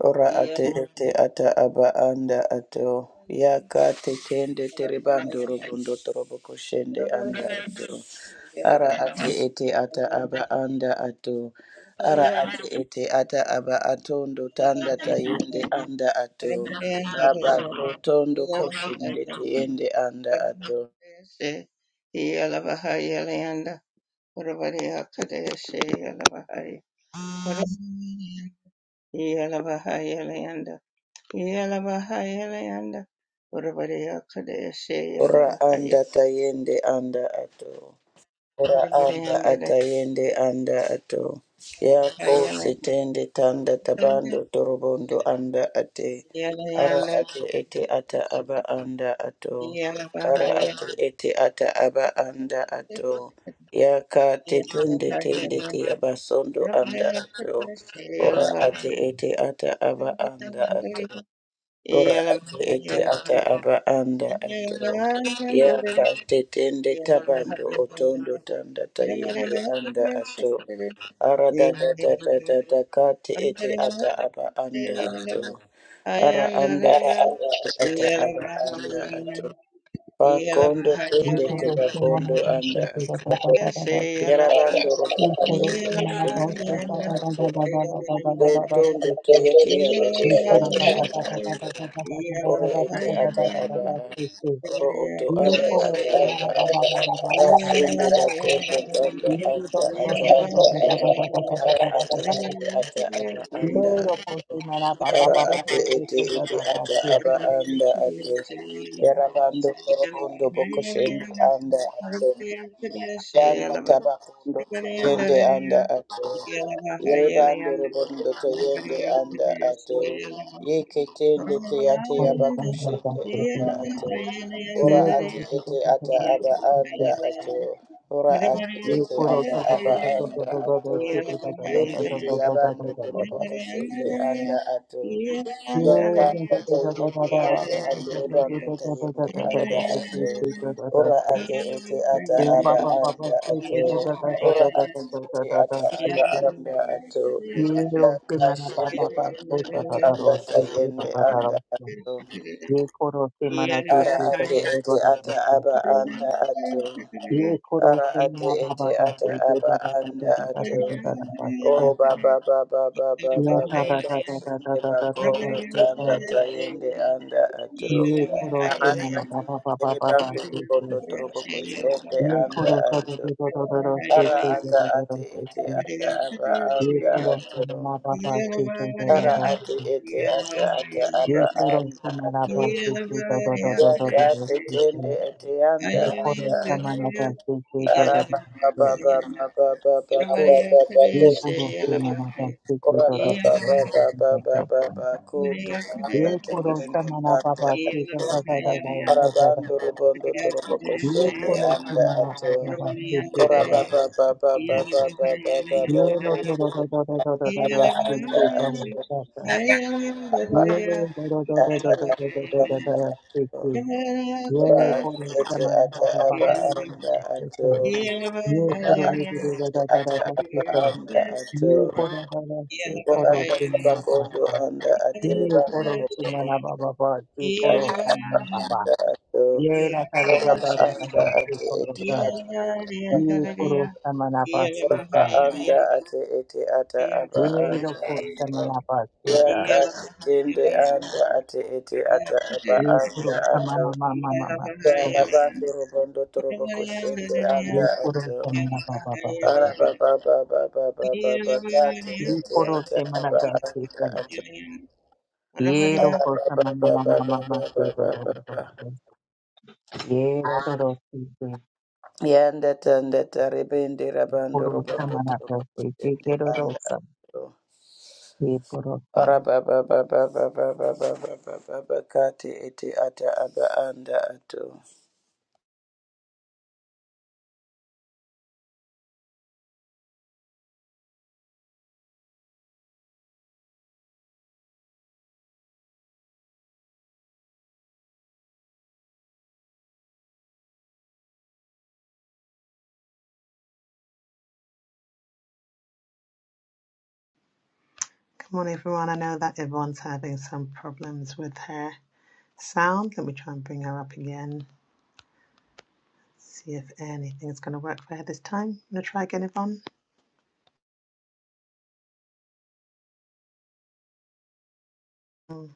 Speaker 4: Ora
Speaker 3: Yeah. Yeah.
Speaker 4: ate ete ata aba anda ato. Yaka tekende teribando robondo torobo koshende anda ato. Ara ate ete ata aba anda ato ara ati ete ata aba atondo tanda tayende anda ato raba ko tondo koshinde tiyende anda ato
Speaker 3: Yalabahayalayanda, Yalabahayalayanda, Urabariya Kadeshe
Speaker 4: ora
Speaker 3: Yalabahaya,
Speaker 4: anda tayende anda ato Ora anda
Speaker 3: Urabadayanda
Speaker 4: atayende anda ato. Yako
Speaker 3: Yeah.
Speaker 4: setende tanda tabando torobondo anda ate. Ara ate ete ata aba anda ato. Ara ate ete ata aba anda ato. Yaka tetende tende te abasondo anda ato. Ora ate ete ata aba anda ato. Ora ati ete ata aba anda ato ya ka tetende tabando otondo tanda tayende anda ato ara da da da da da da ka te ete ata aba anda ato ara anda ati ete ata aba anda ato pa
Speaker 3: Yeah.
Speaker 4: kondo
Speaker 5: ये
Speaker 4: tende
Speaker 5: करो
Speaker 4: teba
Speaker 5: से मना
Speaker 4: kondo
Speaker 5: पास
Speaker 4: anda
Speaker 5: से तेरा
Speaker 4: ato
Speaker 5: दादा दादा दादा से
Speaker 4: yarabando
Speaker 5: ये
Speaker 4: robando
Speaker 5: करो
Speaker 4: teba
Speaker 5: से मना
Speaker 4: kushende
Speaker 5: पास से
Speaker 4: anda
Speaker 5: दादा
Speaker 4: ato
Speaker 5: दादा दादा दादा
Speaker 4: do
Speaker 5: दादा दादा
Speaker 4: tondo
Speaker 5: से
Speaker 4: teyete yaba
Speaker 5: ये करो
Speaker 4: kushende
Speaker 5: दादा दादा
Speaker 4: anda ato
Speaker 5: दादा दादा दादा
Speaker 4: Ore
Speaker 5: दादा दादा
Speaker 4: ete
Speaker 5: दादा
Speaker 4: ata
Speaker 5: दादा
Speaker 4: aba
Speaker 5: दादा
Speaker 4: a.
Speaker 5: से से
Speaker 4: Oro oto
Speaker 5: ये
Speaker 4: anda
Speaker 5: करो
Speaker 4: ata
Speaker 5: से
Speaker 4: aba
Speaker 5: मना
Speaker 4: a.
Speaker 5: दादा दादा दादा दादा
Speaker 4: Basende
Speaker 5: से
Speaker 4: bakondo tanda
Speaker 5: ये देखो
Speaker 4: anda
Speaker 5: देखो
Speaker 4: ata
Speaker 5: देखो देखो
Speaker 4: aba a.
Speaker 5: देखो देखो
Speaker 4: Ara
Speaker 5: देखो देखो
Speaker 4: ate
Speaker 5: देखो
Speaker 4: ete ata aba anda
Speaker 5: ये रखो
Speaker 4: ato.
Speaker 5: से मना पापा
Speaker 4: Ara
Speaker 5: पापा
Speaker 4: ate
Speaker 5: पापा से
Speaker 4: ete
Speaker 5: से
Speaker 4: ete
Speaker 5: दादा दादा
Speaker 4: ata
Speaker 5: से
Speaker 4: aba anda ato. Yarabando korobondo
Speaker 3: Yeah.
Speaker 4: bokoshende anda ato. Yanda tabakundo yende anda ato. Yerebando robondo to yende anda ato. Yeke tende te
Speaker 5: ये
Speaker 4: ate
Speaker 5: करो से मना पास
Speaker 4: abakushende
Speaker 5: से
Speaker 4: anda ato. Ora
Speaker 5: ये तो
Speaker 4: ate
Speaker 5: देखो
Speaker 4: ete
Speaker 5: देखो
Speaker 4: ata aba
Speaker 5: देखो देखो
Speaker 4: anda ato. Ora ate
Speaker 5: ये
Speaker 4: ete
Speaker 5: कोरो
Speaker 4: ata
Speaker 5: ता ता ता
Speaker 4: aba
Speaker 5: ता ता ता
Speaker 4: anda
Speaker 5: ता ता
Speaker 4: ato.
Speaker 5: से ता ता ता ता
Speaker 4: Yende
Speaker 5: ता
Speaker 4: te
Speaker 5: ता ता ता
Speaker 4: abando
Speaker 5: ता ता ता
Speaker 4: doroboko shende anda ato. Yaka
Speaker 5: यो ता ता
Speaker 4: tata
Speaker 5: ता ता ता
Speaker 4: yende
Speaker 5: ता ता
Speaker 4: anda
Speaker 5: ता से
Speaker 4: ato.
Speaker 5: से से से
Speaker 4: Rebanda
Speaker 5: ता ता ता
Speaker 4: tayende
Speaker 5: ता
Speaker 4: anda
Speaker 5: ता से
Speaker 4: ato.
Speaker 5: से से ता ता ता
Speaker 4: Ora
Speaker 5: से
Speaker 4: ate
Speaker 3: Yeah.
Speaker 4: ete ata
Speaker 5: ये पा
Speaker 4: aba
Speaker 5: पा पा पा
Speaker 4: anda
Speaker 5: से से
Speaker 4: ato.
Speaker 5: ता ता ता
Speaker 4: Ora
Speaker 5: ता ता ता
Speaker 4: ate
Speaker 5: ता ता
Speaker 4: ete
Speaker 5: ता ता
Speaker 4: ata
Speaker 5: से
Speaker 4: aba
Speaker 5: से
Speaker 4: anda ato.
Speaker 5: ये रो से
Speaker 4: Daka
Speaker 5: मना पा
Speaker 4: shende
Speaker 5: पा पा से
Speaker 4: makondo
Speaker 5: ता ता ता
Speaker 4: tamba
Speaker 5: रो से से ता
Speaker 4: sayende
Speaker 5: ता ता
Speaker 4: anda
Speaker 5: रो
Speaker 4: ato.
Speaker 5: ये कोरो से मना के
Speaker 4: Ara
Speaker 5: से ता
Speaker 4: ate
Speaker 5: ता ता
Speaker 4: ete
Speaker 5: ता ता
Speaker 4: ata
Speaker 5: से
Speaker 4: aba anda ato.
Speaker 5: ये कोरो
Speaker 4: Ara
Speaker 5: से
Speaker 4: ate
Speaker 5: मना
Speaker 4: ete
Speaker 5: पा पा पा
Speaker 4: ata
Speaker 5: से
Speaker 4: aba
Speaker 5: ता ता ता ता
Speaker 4: anda
Speaker 5: ता
Speaker 4: ato.
Speaker 5: ता ता
Speaker 4: Oh
Speaker 5: ता
Speaker 4: baba baba baba
Speaker 5: या था
Speaker 4: baba
Speaker 5: था था था था था
Speaker 4: kashinde
Speaker 5: था था था था
Speaker 4: bakondo
Speaker 5: से था
Speaker 4: tanda tayende anda atro
Speaker 5: ये करो से
Speaker 4: aranda
Speaker 5: मना पा पा पा पा
Speaker 4: tayende
Speaker 5: पा पा
Speaker 4: bando
Speaker 5: से से
Speaker 4: kondo trobo koshende
Speaker 5: ये
Speaker 4: anda
Speaker 5: करो सा था
Speaker 4: atro
Speaker 5: था था था था था से
Speaker 4: ara
Speaker 5: से था
Speaker 4: ata
Speaker 5: था था था
Speaker 4: ate
Speaker 5: से
Speaker 4: ete
Speaker 5: से
Speaker 4: ata aba
Speaker 5: ये
Speaker 4: anda
Speaker 5: करो से
Speaker 4: atro
Speaker 5: मना पा
Speaker 3: Yeah.
Speaker 5: पा से से था था
Speaker 4: ara
Speaker 5: था
Speaker 4: ate
Speaker 5: था
Speaker 4: ete ata ata aba
Speaker 5: ये करो
Speaker 4: anda
Speaker 5: से मना
Speaker 4: atro
Speaker 5: पा से से था था था था था था था
Speaker 4: yakate
Speaker 5: से से
Speaker 4: tende ete anda anda atro ara baba baba baba baba
Speaker 5: ये करो से मना पा से से था
Speaker 4: Koraba
Speaker 5: था था
Speaker 4: baba
Speaker 5: था
Speaker 4: baba baba
Speaker 5: से
Speaker 4: baku tu anda
Speaker 5: ये करो
Speaker 4: tekende
Speaker 5: से मना
Speaker 4: anda
Speaker 5: पा से से था था था था था था था था ये करो से मना पा पा से था था था था था था था
Speaker 4: arabando
Speaker 5: था
Speaker 4: rubondo torobo
Speaker 5: ये
Speaker 4: koshende
Speaker 5: कोलो की
Speaker 4: anda
Speaker 5: मारा
Speaker 4: ato
Speaker 5: दादा से से दादा
Speaker 4: koraba baba
Speaker 5: दादा
Speaker 4: baba baba baba
Speaker 5: ये
Speaker 4: baku
Speaker 5: नो नो
Speaker 4: tu
Speaker 5: नो नो नो नो
Speaker 4: anda
Speaker 5: नो
Speaker 3: Yeah.
Speaker 5: नो
Speaker 4: aba
Speaker 5: नो से
Speaker 4: anda
Speaker 5: से
Speaker 4: ato
Speaker 5: दादा दादा ये
Speaker 4: aba
Speaker 5: नो नो नो नो
Speaker 4: ato
Speaker 5: नो नो नो नो नो नो से से
Speaker 4: ora
Speaker 5: ये
Speaker 4: ato
Speaker 5: कोलो की
Speaker 4: ete
Speaker 5: मारा
Speaker 4: ata
Speaker 5: दादा
Speaker 4: aba
Speaker 5: दादा से से
Speaker 4: anda
Speaker 5: से
Speaker 4: ato
Speaker 5: से ये
Speaker 4: ora
Speaker 5: कोलो की
Speaker 4: ato ete
Speaker 5: दादा दादा
Speaker 4: ata
Speaker 5: दादा से
Speaker 4: aba
Speaker 5: से
Speaker 4: anda ato
Speaker 5: ये कोलो दादा से
Speaker 4: ora
Speaker 5: कोलो
Speaker 4: anda
Speaker 5: से मना
Speaker 4: sabakondo
Speaker 5: पाता
Speaker 4: anda
Speaker 5: ये कोलो
Speaker 4: ateribando
Speaker 5: की मना बाबा बाबा ये कोलो की
Speaker 4: ati
Speaker 5: मना बाबा
Speaker 4: anda ato
Speaker 5: ये ना दादा
Speaker 4: oraba
Speaker 5: दादा
Speaker 4: anda
Speaker 5: दादा से
Speaker 4: ati ete
Speaker 5: कोलो
Speaker 4: ata
Speaker 5: ये खुरो समना पास्ता
Speaker 4: oraba anda ati ete ata aba
Speaker 5: ये
Speaker 4: anda
Speaker 5: लोको
Speaker 4: ato
Speaker 5: समना पास्ता
Speaker 4: yaka tende anda ati ete
Speaker 3: Can you
Speaker 4: ata aba
Speaker 3: hear
Speaker 5: ये
Speaker 4: anda
Speaker 5: खुरो
Speaker 4: ato
Speaker 5: समना मामा मामा खुरो
Speaker 4: yaraba ndorobondo torobo koshende anda
Speaker 5: ये खुरो
Speaker 4: ato
Speaker 5: समना पापा पापा पापा
Speaker 4: araba baba baba baba bakate
Speaker 5: ये
Speaker 4: ete
Speaker 5: खुरो
Speaker 4: ata
Speaker 5: समना
Speaker 4: aba anda
Speaker 5: दास्ता
Speaker 4: ato
Speaker 5: ये लोको
Speaker 4: araba
Speaker 5: समना
Speaker 4: baba
Speaker 5: मामा
Speaker 4: baba
Speaker 5: मामा
Speaker 4: baba
Speaker 5: से तो तो
Speaker 4: baba baba
Speaker 5: तो ये रो रो से
Speaker 4: Yanda tanda taribindi rabando
Speaker 5: खुरो
Speaker 4: robondo
Speaker 5: समना
Speaker 4: trobondo
Speaker 5: पास्ता
Speaker 4: tende
Speaker 5: ये रो रो
Speaker 4: anda
Speaker 5: सब
Speaker 4: ro.
Speaker 5: ये खुरो
Speaker 4: Rababa baba baba baba baba baba kati iti ata aba anda ato.
Speaker 6: Come on, everyone. I know that everyone's having some problems with her sound. Let me try and bring her up again. See if anything is going to work for her this time. I'm going to try again, Yvonne. Mm,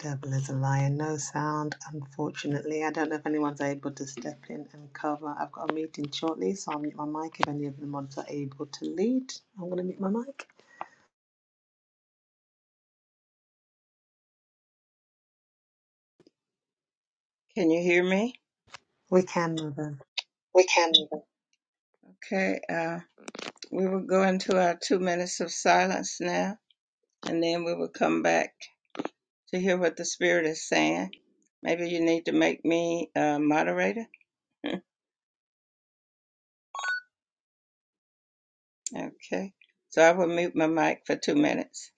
Speaker 6: Devil is a liar. No sound, unfortunately. I don't know if anyone's able to step in and cover. I've got a meeting shortly, so I'll mute my mic if any of the mods are able to lead. I'm going to mute my mic.
Speaker 3: me?
Speaker 6: We can, Mother.
Speaker 3: We can. Okay, uh, we will go into our two minutes of silence now, and then we will come back to hear what the Spirit is saying. Maybe you need to make me a moderator. Okay, so I will mute my mic for two minutes.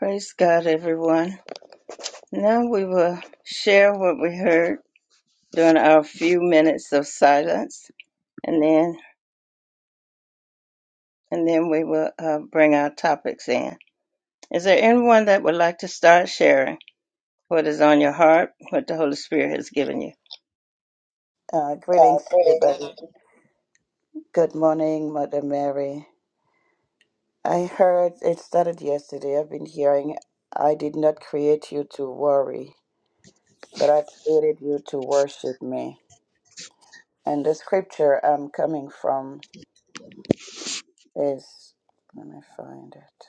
Speaker 3: Praise God, everyone. Now we will share what we heard during our few minutes of silence, and then and then we will uh, bring our topics in. Is there anyone that would like to start sharing what is on your heart, what the Holy Spirit has given you?
Speaker 4: Uh,
Speaker 3: Uh,
Speaker 4: greetings
Speaker 3: greetings.
Speaker 4: everybody. Good morning, Mother Mary. I heard it started yesterday. I've been hearing I did not create you to worry, but I've created you to worship me. And the scripture I'm coming from is let me find it.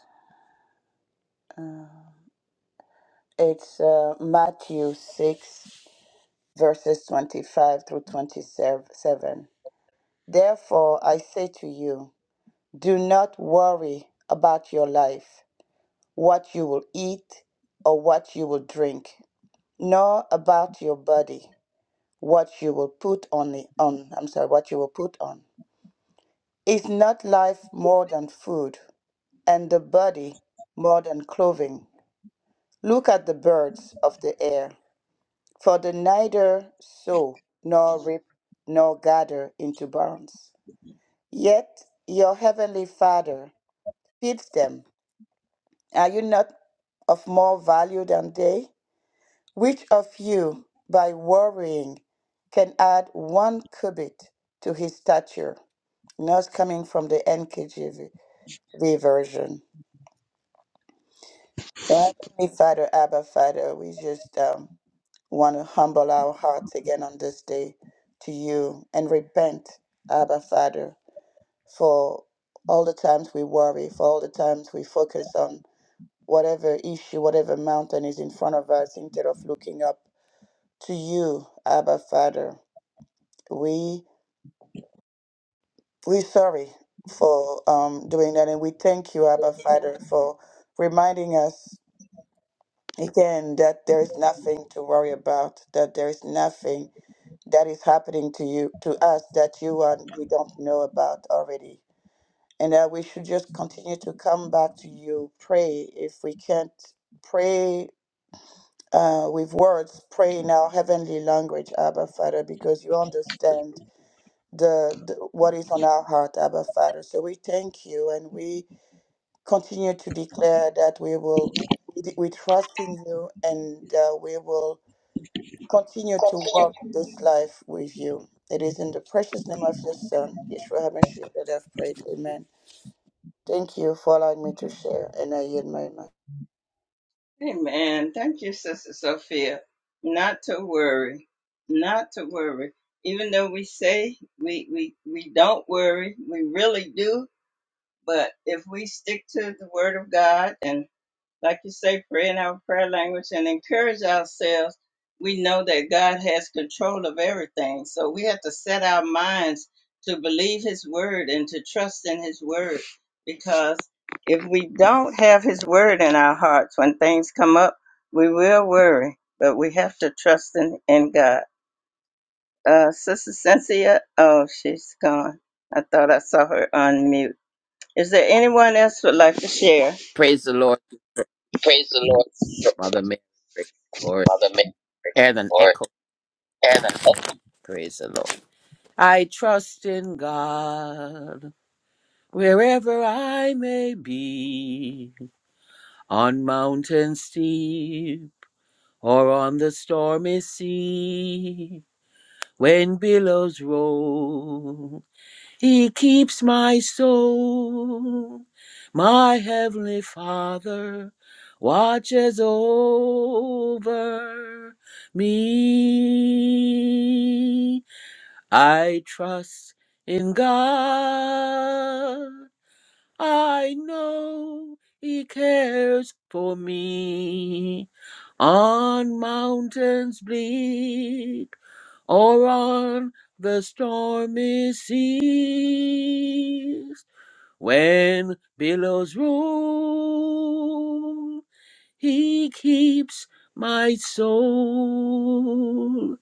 Speaker 4: Uh, It's uh, Matthew 6, verses 25 through 27. Therefore, I say to you, do not worry about your life, what you will eat or what you will drink, nor about your body, what you will put on, the, on I'm sorry, what you will put on. Is not life more than food, and the body more than clothing? Look at the birds of the air. For they neither sow nor reap nor gather into barns. Yet your heavenly Father feeds them. Are you not of more value than they? Which of you, by worrying, can add one cubit to his stature? Not coming from the NKJV version. Our Heavenly Father, Abba Father, we just um, We want to humble our hearts again on this day to you and repent, Abba Father, for all the times we worry, for all the times we focus on whatever issue, whatever mountain is in front of us instead of looking up to you, Abba Father. We we sorry for um, doing that, and we thank you, Abba Father, for reminding us again that there is nothing to worry about, that there is nothing that is happening to you to us that you are you don't know about already and that we should just continue to come back to you pray if we can't pray uh, with words pray in our heavenly language abba father because you understand the, the what is on our heart abba father so we thank you and we continue to declare that we will we, trust in you and uh, we will continue to walk this life with you. It is in the precious name of your Son, Yeshua HaMashiach, that I've prayed. Amen. Thank you for allowing me to share, and I yield my mic.
Speaker 3: Amen. Thank you, Sister Sophia. Not to worry, not to worry. Even though we say we we we don't worry, we really do. But if we stick to the Word of God and like you say, pray in our prayer language and encourage ourselves. We know that God has control of everything. So we have to set our minds to believe His word and to trust in His word. Because if we don't have His word in our hearts when things come up, we will worry. But we have to trust in, in God. Uh, Sister Cynthia, oh, she's gone. I thought I saw her on mute. Is there anyone else who would like to share?
Speaker 7: Praise the Lord,
Speaker 3: Praise the Lord.
Speaker 7: Mother Mary. Praise the Lord.
Speaker 3: Mother Mary,
Speaker 7: And an
Speaker 3: Lord,
Speaker 7: echo.
Speaker 3: heaven open.
Speaker 7: Praise the Lord. I trust in God wherever I may be, on mountain steep or on the stormy sea, when billows roll. He keeps my soul. My heavenly Father watches over me. I trust in God. I know He cares for me on mountains bleak or on the stormy seas. When billows roll, he keeps my soul.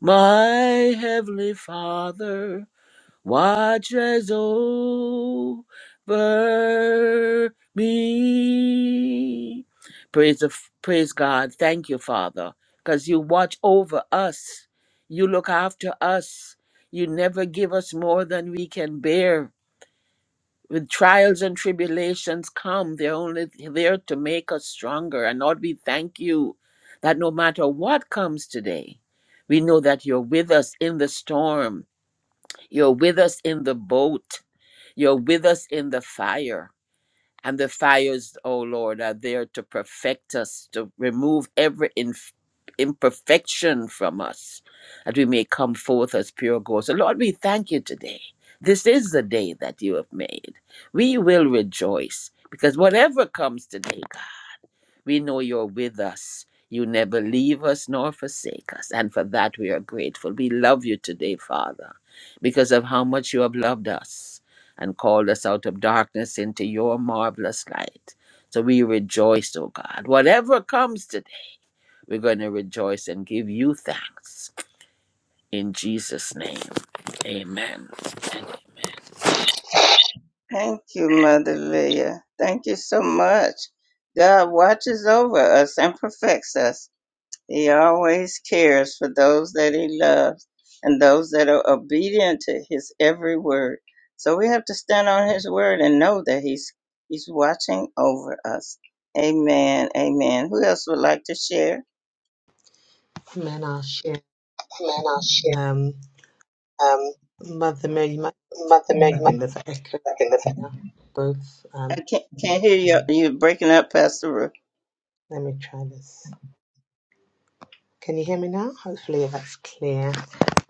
Speaker 7: My heavenly Father watches over me. Praise the, praise God. Thank you, Father, because you watch over us. You look after us. You never give us more than we can bear. When trials and tribulations come, they're only there to make us stronger. And Lord, we thank you that no matter what comes today, we know that you're with us in the storm. You're with us in the boat. You're with us in the fire. And the fires, oh Lord, are there to perfect us, to remove every inf- imperfection from us, that we may come forth as pure gold. So, Lord, we thank you today. This is the day that you have made. We will rejoice because whatever comes today we know you're with us. You never leave us nor forsake us. And for that, we are grateful. We love you today, Father, because of how much you have loved us and called us out of darkness into your marvelous light. So we rejoice, O God. Whatever comes today, we're going to rejoice and give you thanks. In Jesus' name, amen.
Speaker 3: Thank you, Mother Leah. Thank you so much. God watches over us and perfects us. He always cares for those that He loves and those that are obedient to His every word. So we have to stand on His word and know that He's He's watching over us. Amen. Amen. Who else would like to share?
Speaker 6: And then I'll share.
Speaker 3: Man, I'll share.
Speaker 6: Um,
Speaker 3: Um,
Speaker 6: Mother Mary, you might.
Speaker 3: Mother Mary,
Speaker 6: I think there's an echo
Speaker 3: Mother,
Speaker 6: now. Both.
Speaker 3: I
Speaker 6: Um,
Speaker 3: can't, can't hear you. You're breaking up, Pastor Ruth.
Speaker 6: let me try this. Can you hear me now? Hopefully that's clear.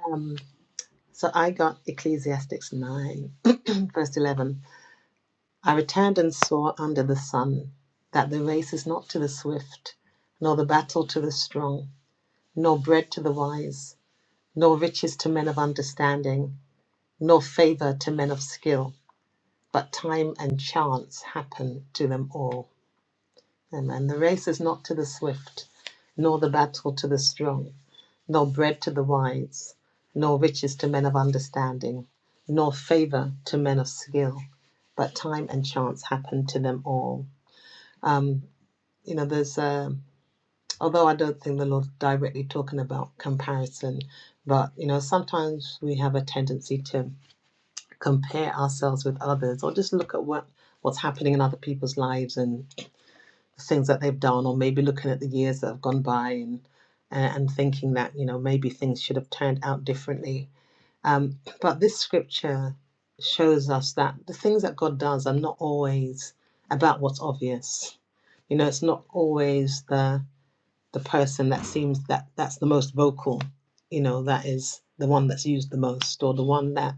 Speaker 6: Um, so I got Ecclesiastes 9, verse 11. I returned and saw under the sun that the race is not to the swift, nor the battle to the strong, nor bread to the wise, nor riches to men of understanding, nor favor to men of skill, but time and chance happen to them all. Amen. The race is not to the swift, nor the battle to the strong no bread to the wise, nor riches to men of understanding, nor favor to men of skill, but time and chance happen to them all. Um, you know, there's, uh, although I don't think the Lord's directly talking about comparison, but, you know, sometimes we have a tendency to compare ourselves with others or just look at what, what's happening in other people's lives and things that they've done, or maybe looking at the years that have gone by and, and thinking that, you know, maybe things should have turned out differently Um, but this scripture shows us that the things that God does are not always about what's obvious. You know, it's not always the the person that seems that that's the most vocal you know that is the one that's used the most or the one that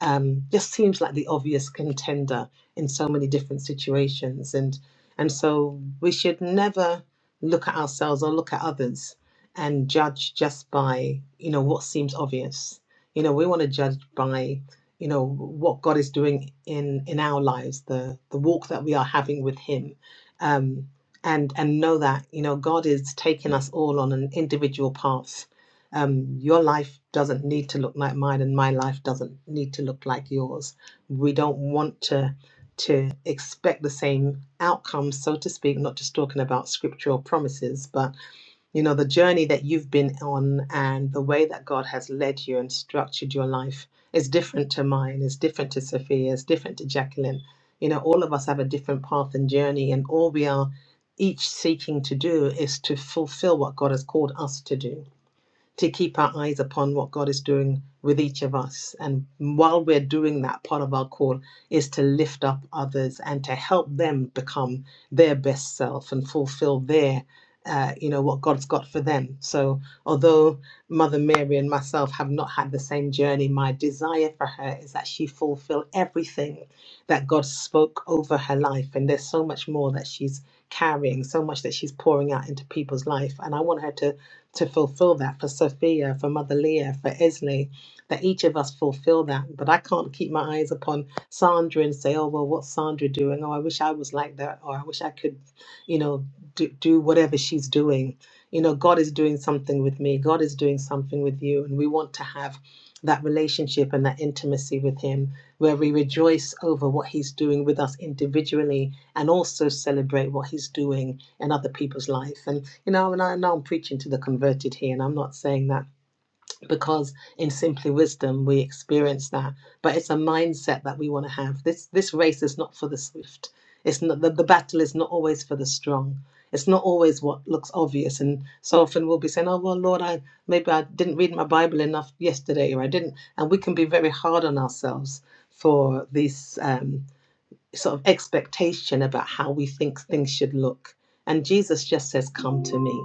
Speaker 6: um, just seems like the obvious contender in so many different situations and and so we should never look at ourselves or look at others and judge just by you know what seems obvious you know we want to judge by you know what god is doing in in our lives the the walk that we are having with him um, and and know that you know God is taking us all on an individual path. Um, your life doesn't need to look like mine, and my life doesn't need to look like yours. We don't want to to expect the same outcomes, so to speak. Not just talking about scriptural promises, but you know, the journey that you've been on and the way that God has led you and structured your life is different to mine, is different to Sophia, is different to Jacqueline. You know, all of us have a different path and journey, and all we are each seeking to do is to fulfill what God has called us to do to keep our eyes upon what God is doing with each of us. And while we're doing that, part of our call is to lift up others and to help them become their best self and fulfill their. Uh, you know what God's got for them. So, although Mother Mary and myself have not had the same journey, my desire for her is that she fulfill everything that God spoke over her life. And there's so much more that she's carrying, so much that she's pouring out into people's life. And I want her to to fulfill that for Sophia, for Mother Leah, for Esley, that each of us fulfill that. But I can't keep my eyes upon Sandra and say, oh, well, what's Sandra doing? Oh, I wish I was like that. Or I wish I could, you know, do, do whatever she's doing. You know, God is doing something with me, God is doing something with you. And we want to have that relationship and that intimacy with Him where we rejoice over what He's doing with us individually and also celebrate what He's doing in other people's life. And you know, and I know I'm preaching to the converted here, and I'm not saying that because in simply wisdom we experience that, but it's a mindset that we want to have. This this race is not for the swift. It's not the, the battle is not always for the strong. It's not always what looks obvious, and so often we'll be saying, "Oh well, Lord, I maybe I didn't read my Bible enough yesterday, or I didn't," and we can be very hard on ourselves for this um, sort of expectation about how we think things should look. And Jesus just says, "Come to me."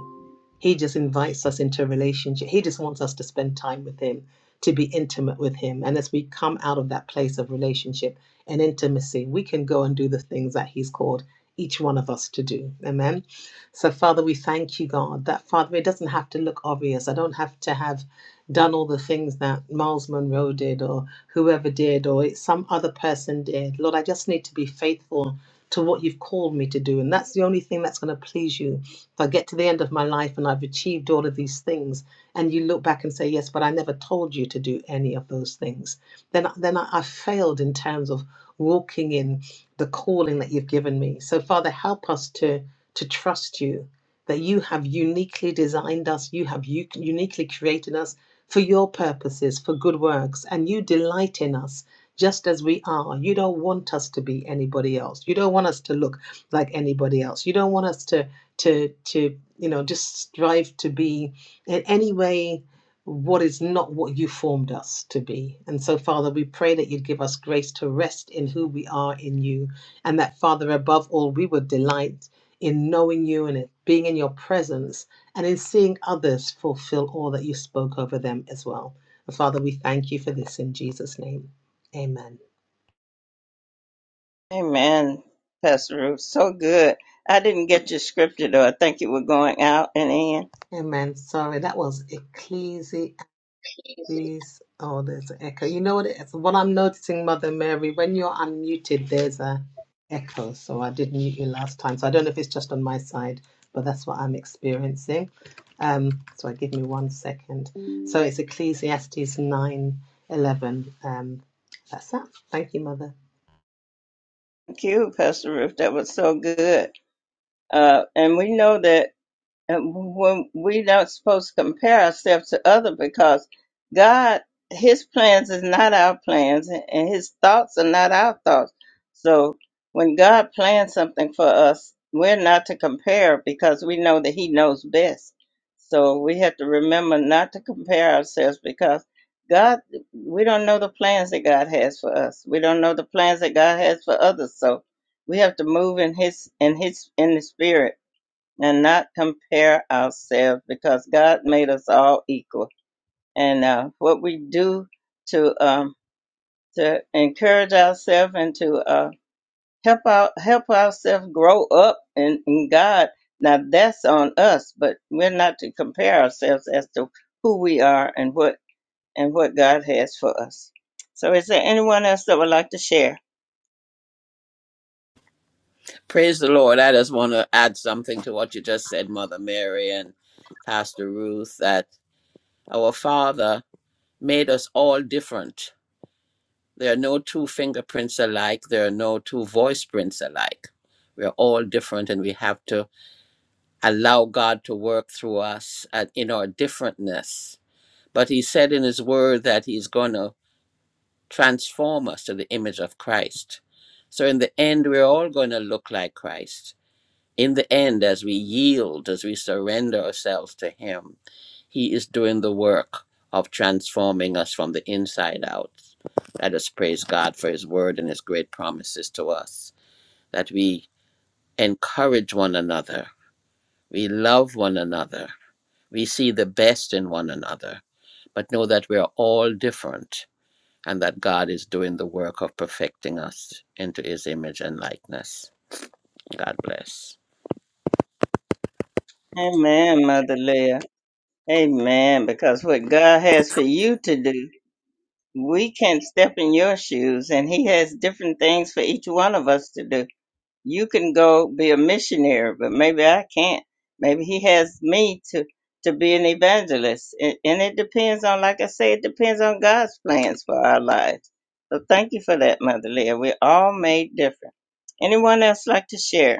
Speaker 6: He just invites us into a relationship. He just wants us to spend time with Him, to be intimate with Him. And as we come out of that place of relationship and intimacy, we can go and do the things that He's called each one of us to do. Amen. So, Father, we thank you, God, that Father, it doesn't have to look obvious. I don't have to have done all the things that Miles Monroe did or whoever did or some other person did. Lord, I just need to be faithful to what you've called me to do. And that's the only thing that's going to please you. If I get to the end of my life and I've achieved all of these things, and you look back and say, yes, but I never told you to do any of those things, then, then I, I failed in terms of walking in the calling that you've given me. So, Father, help us to, to trust you that you have uniquely designed us, you have u- uniquely created us for your purposes, for good works, and you delight in us just as we are. You don't want us to be anybody else. You don't want us to look like anybody else. You don't want us to to to you know just strive to be in any way what is not what you formed us to be and so father we pray that you'd give us grace to rest in who we are in you and that father above all we would delight in knowing you and in being in your presence and in seeing others fulfill all that you spoke over them as well And father we thank you for this in jesus name amen
Speaker 3: Amen, Pastor Ruth. So good. I didn't get your scripture though. I think you were going out and in.
Speaker 6: amen sorry that was ecclesiastes These, oh, there's an echo. You know what it is? What I'm noticing, Mother Mary, when you're unmuted, there's a echo. So I did mute you last time. So I don't know if it's just on my side, but that's what I'm experiencing. Um, so give me one second. So it's Ecclesiastes nine eleven. Um, that's that. Thank you, Mother.
Speaker 3: Thank you, Pastor Ruth. That was so good. Uh, and we know that and when we don't supposed to compare ourselves to other because God his plans is not our plans and and his thoughts are not our thoughts. So when God plans something for us, we're not to compare because we know that he knows best. So we have to remember not to compare ourselves because God we don't know the plans that God has for us. We don't know the plans that God has for others. So we have to move in his in his in the spirit and not compare ourselves because God made us all equal. And uh, what we do to um, to encourage ourselves and to uh, help our help ourselves grow up in, in God. Now that's on us, but we're not to compare ourselves as to who we are and what and what God has for us. So, is there anyone else that would like to share?
Speaker 7: Praise the Lord. I just want to add something to what you just said, Mother Mary and Pastor Ruth, that our Father. made us all different. There are no two fingerprints alike, there are no two voice prints alike. We are all different, and we have to allow God to work through us at, in our differentness. But He said in His Word that He's going to transform us to the image of Christ. So, in the end, we're all going to look like Christ in the end, as we yield, as we surrender ourselves to Him, He is doing the work of transforming us from the inside out. Let us praise God for His word and His great promises to us, that we encourage one another, we love one another, we see the best in one another, but know that we are all different and that God is doing the work of perfecting us into His image and likeness. God bless.
Speaker 3: Amen, Mother Leah. Amen. Because what God has for you to do we can step in your shoes and he has different things for each one of us to do you can go be a missionary but maybe i can't maybe he has me to to be an evangelist and, and it depends on like i say it depends on god's plans for our lives so thank you for that mother leah we're all made different anyone else like to share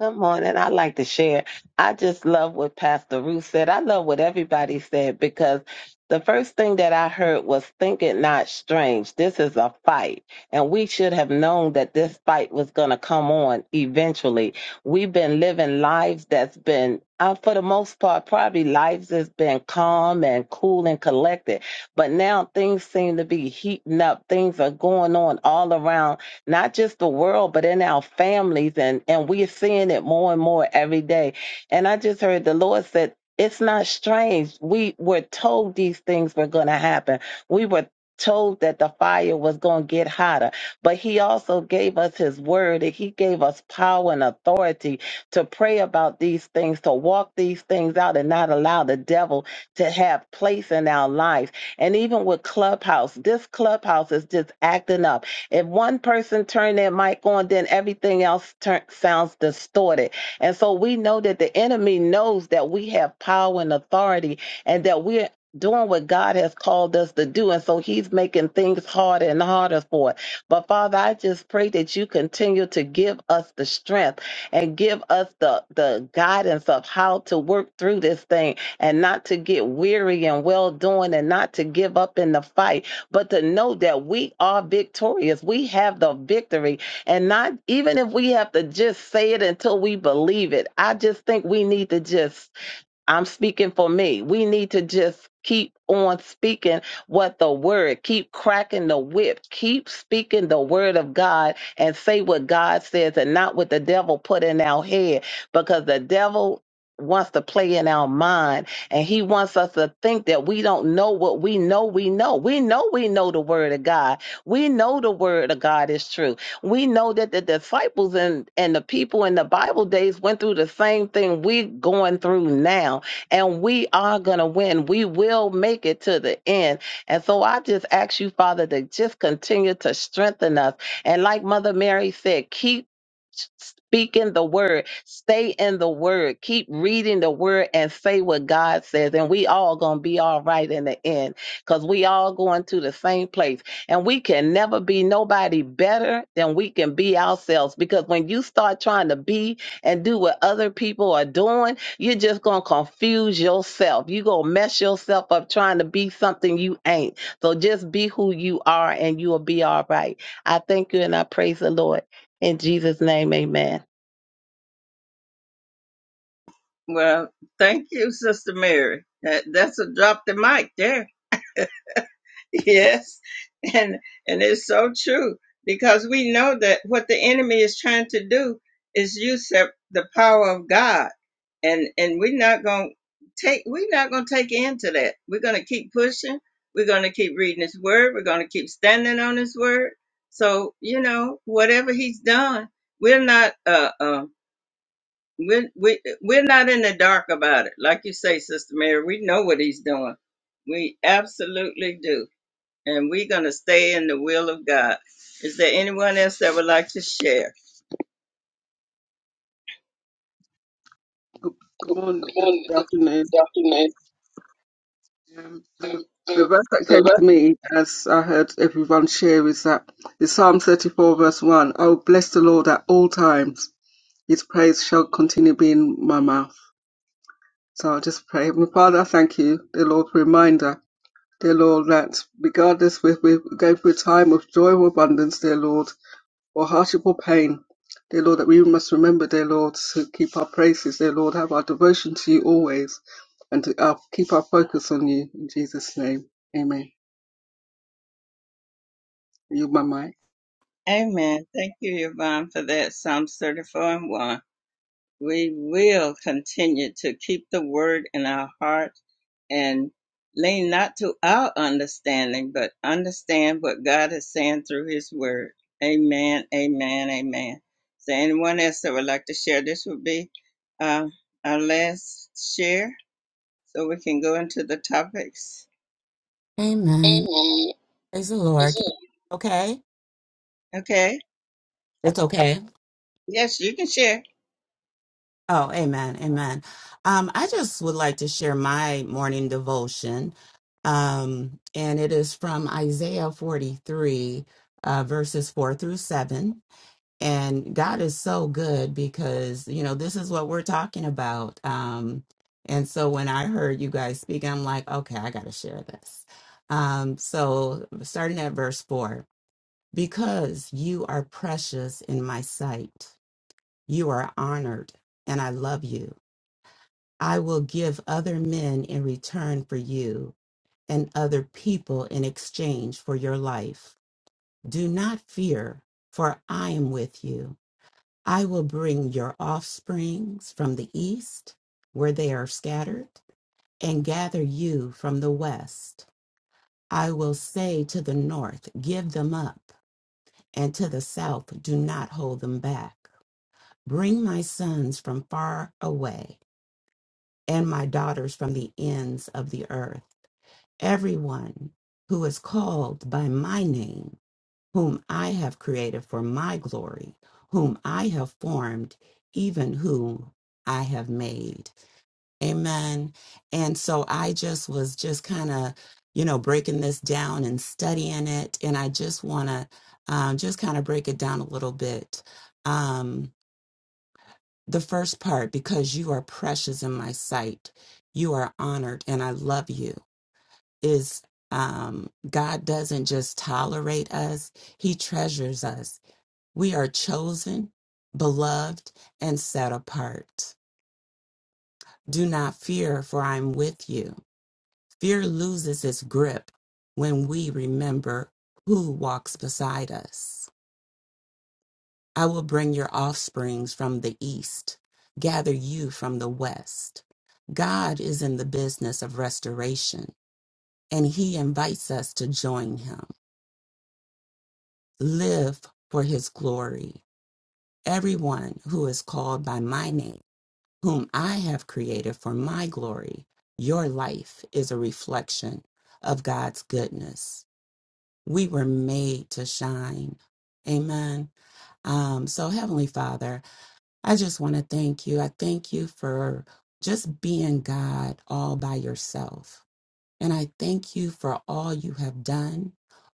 Speaker 8: Come on, and I like to share. I just love what Pastor Ruth said. I love what everybody said because the first thing that I heard was think it not strange. This is a fight. And we should have known that this fight was going to come on eventually. We've been living lives that's been, uh, for the most part, probably lives that's been calm and cool and collected. But now things seem to be heating up. Things are going on all around not just the world, but in our families. And, and we're seeing it more and more every day. And I just heard the Lord said, it's not strange. We were told these things were going to happen. We were told that the fire was going to get hotter, but he also gave us his word and he gave us power and authority to pray about these things, to walk these things out and not allow the devil to have place in our lives. And even with Clubhouse, this Clubhouse is just acting up if one person turn their mic on, then everything else turn, sounds distorted. And so we know that the enemy knows that we have power and authority and that we're doing what God has called us to do. And so he's making things harder and harder for it. But Father, I just pray that you continue to give us the strength and give us the, the guidance of how to work through this thing and not to get weary and well doing and not to give up in the fight but to know that we are victorious. We have the victory. And not even if we have to just say it until we believe it, I just think we need to just I'm speaking for me. We need to just keep on speaking what the word, keep cracking the whip, keep speaking the word of God and say what God says and not what the devil put in our head because the devil wants to play in our mind and he wants us to think that we don't know what we know we know. We know we know the word of God. We know the word of God is true. We know that the disciples and, and the people in the Bible days went through the same thing we're going through now, and we are going to win. We will make it to the end. And so I just ask you, Father, to just continue to strengthen us. And like Mother Mary said, keep speaking the word stay in the word keep reading the word and say what god says and we all gonna be all right in the end because we all going to the same place and we can never be nobody better than we can be ourselves. Because when you start trying to be and do what other people are doing, you're just going to confuse yourself. You're going to mess yourself up trying to be something you ain't. So just be who you are and you will be all right. I thank you and I praise the Lord. In Jesus' name, amen.
Speaker 3: well thank you sister mary that, that's a drop the mic there Yes, and and it's so true because we know that what the enemy is trying to do is usurp the power of God, and and we're not gonna take we're not gonna take into that. We're gonna keep pushing. We're gonna keep reading His Word. We're gonna keep standing on His Word. So you know whatever He's done, we're not uh uh we're we we're not in the dark about it. Like you say, Sister Mary, we know what He's doing. We absolutely do and we're going to stay in the will of God. Is there anyone else that would like to share?
Speaker 2: Good good morning,
Speaker 3: Good
Speaker 2: good
Speaker 3: morning,
Speaker 2: afternoon.
Speaker 3: Dr. Nancy.
Speaker 2: Um, the,
Speaker 3: Um,
Speaker 2: the
Speaker 3: um,
Speaker 2: verse that came
Speaker 3: The
Speaker 2: to me as I heard everyone share is that the Psalm 34 verse 1. Oh, bless the Lord at all times. His praise shall continue being my mouth. So I'll just pray. Heavenly Father, I thank you, dear Lord, for a reminder, dear Lord, that regardless if we're going through a time of joy or abundance, dear Lord, or hardship or pain, dear Lord, that we must remember, dear Lord, to keep our praises, dear Lord, have our devotion to you always, and to uh, keep our focus on you. In Jesus' name, amen. You, my mic.
Speaker 3: Amen. Thank you, Yvonne, for that. Psalms 34 and 1. We will continue to keep the word in our heart and lean not to our understanding, but understand what God is saying through his word. Amen, amen, amen. Is there anyone else that would like to share? This would be uh, our last share. so we can go into the topics.
Speaker 9: Amen.
Speaker 3: Amen.
Speaker 9: Praise the Lord. Can- Okay.
Speaker 3: Okay.
Speaker 9: That's okay.
Speaker 3: Yes, you can share.
Speaker 9: Oh, amen. Amen. Um, I just would like to share my morning devotion. Um, and it is from Isaiah 43, uh, verses 4 through 7. And God is so good because, you know, this is what we're talking about. Um, and so when I heard you guys speak, I'm like, okay, I got to share this. Um, so starting at verse 4. Because you are precious in my sight. You are honored, and I love you. I will give other men in return for you, and other people in exchange for your life. Do not fear, for I am with you. I will bring your offsprings from the east, where they are scattered, and gather you from the west. I will say to the north, Give them up, and to the south, Do not hold them back. Bring my sons from far away and my daughters from the ends of the earth. Everyone who is called by my name, whom I have created for my glory, whom I have formed, even whom I have made. Amen. And so I just was just kind of, you know, breaking this down and studying it. And I just want to um, just kind of break it down a little bit. Um, the first part, because you are precious in my sight, you are honored, and I love you, is um, God doesn't just tolerate us, He treasures us. We are chosen, beloved, and set apart. Do not fear, for I'm with you. Fear loses its grip when we remember who walks beside us. I will bring your offsprings from the east, gather you from the west. God is in the business of restoration, and He invites us to join Him. Live for His glory. Everyone who is called by my name, whom I have created for my glory, your life is a reflection of God's goodness. We were made to shine. Amen. Um, so, Heavenly Father, I just want to thank you. I thank you for just being God all by yourself. And I thank you for all you have done,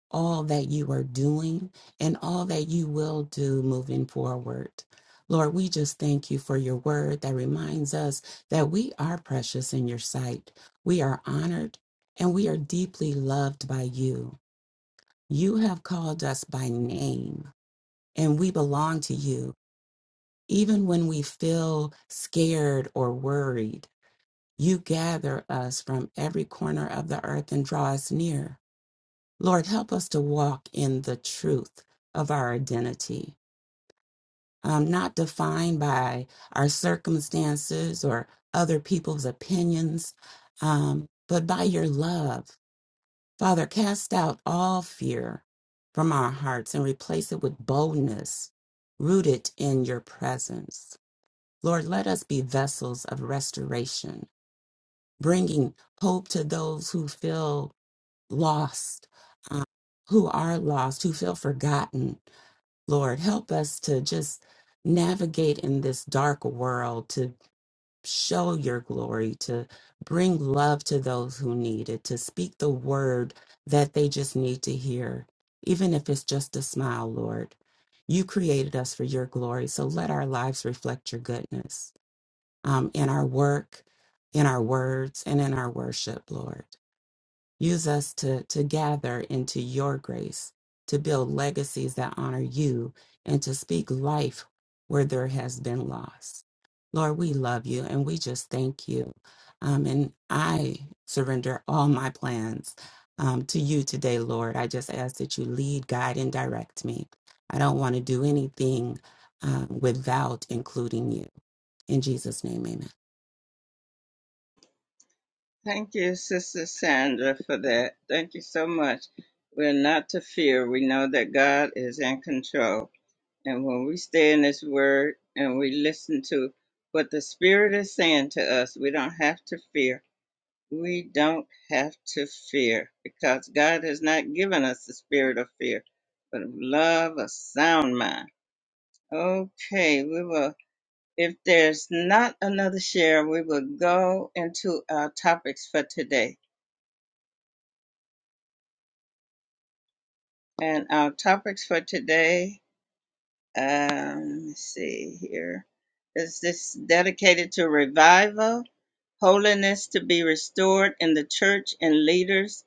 Speaker 9: all that you are doing, and all that you will do moving forward. Lord, we just thank you for your word that reminds us that we are precious in your sight. We are honored and we are deeply loved by you. You have called us by name and we belong to you even when we feel scared or worried, you gather us from every corner of the earth and draw us near. Lord, help us to walk in the truth of our identity, um, not defined by our circumstances or other people's opinions, um, but by your love. Father, cast out all fear from our hearts and replace it with boldness rooted in your presence. Lord, let us be vessels of restoration, bringing hope to those who feel lost, um, who are lost, who feel forgotten. Lord, help us to just navigate in this dark world, to show your glory, to bring love to those who need it, to speak the word that they just need to hear, even if it's just a smile, Lord. You created us for your glory, so let our lives reflect your goodness um, in our work, in our words, and in our worship, Lord. Use us to, to gather into your grace, to build legacies that honor you, and to speak life where there has been loss. Lord, we love you and we just thank you. Um, and I surrender all my plans um, to you today, Lord. I just ask that you lead, guide, and direct me. I don't want to do anything um, without including you. In Jesus' name, amen.
Speaker 3: Thank you, Sister Sandra, for that. Thank you so much. We're not to fear. We know that God is in control. And when we stay in His Word and we listen to what the Spirit is saying to us, we don't have to fear. We don't have to fear because God has not given us the spirit of fear, but of love, a sound mind. Okay, we will If there's not another share, we will go into our topics for today. And our topics for today, um, let's see here, is this dedicated to revival, holiness to be restored in the church and leaders,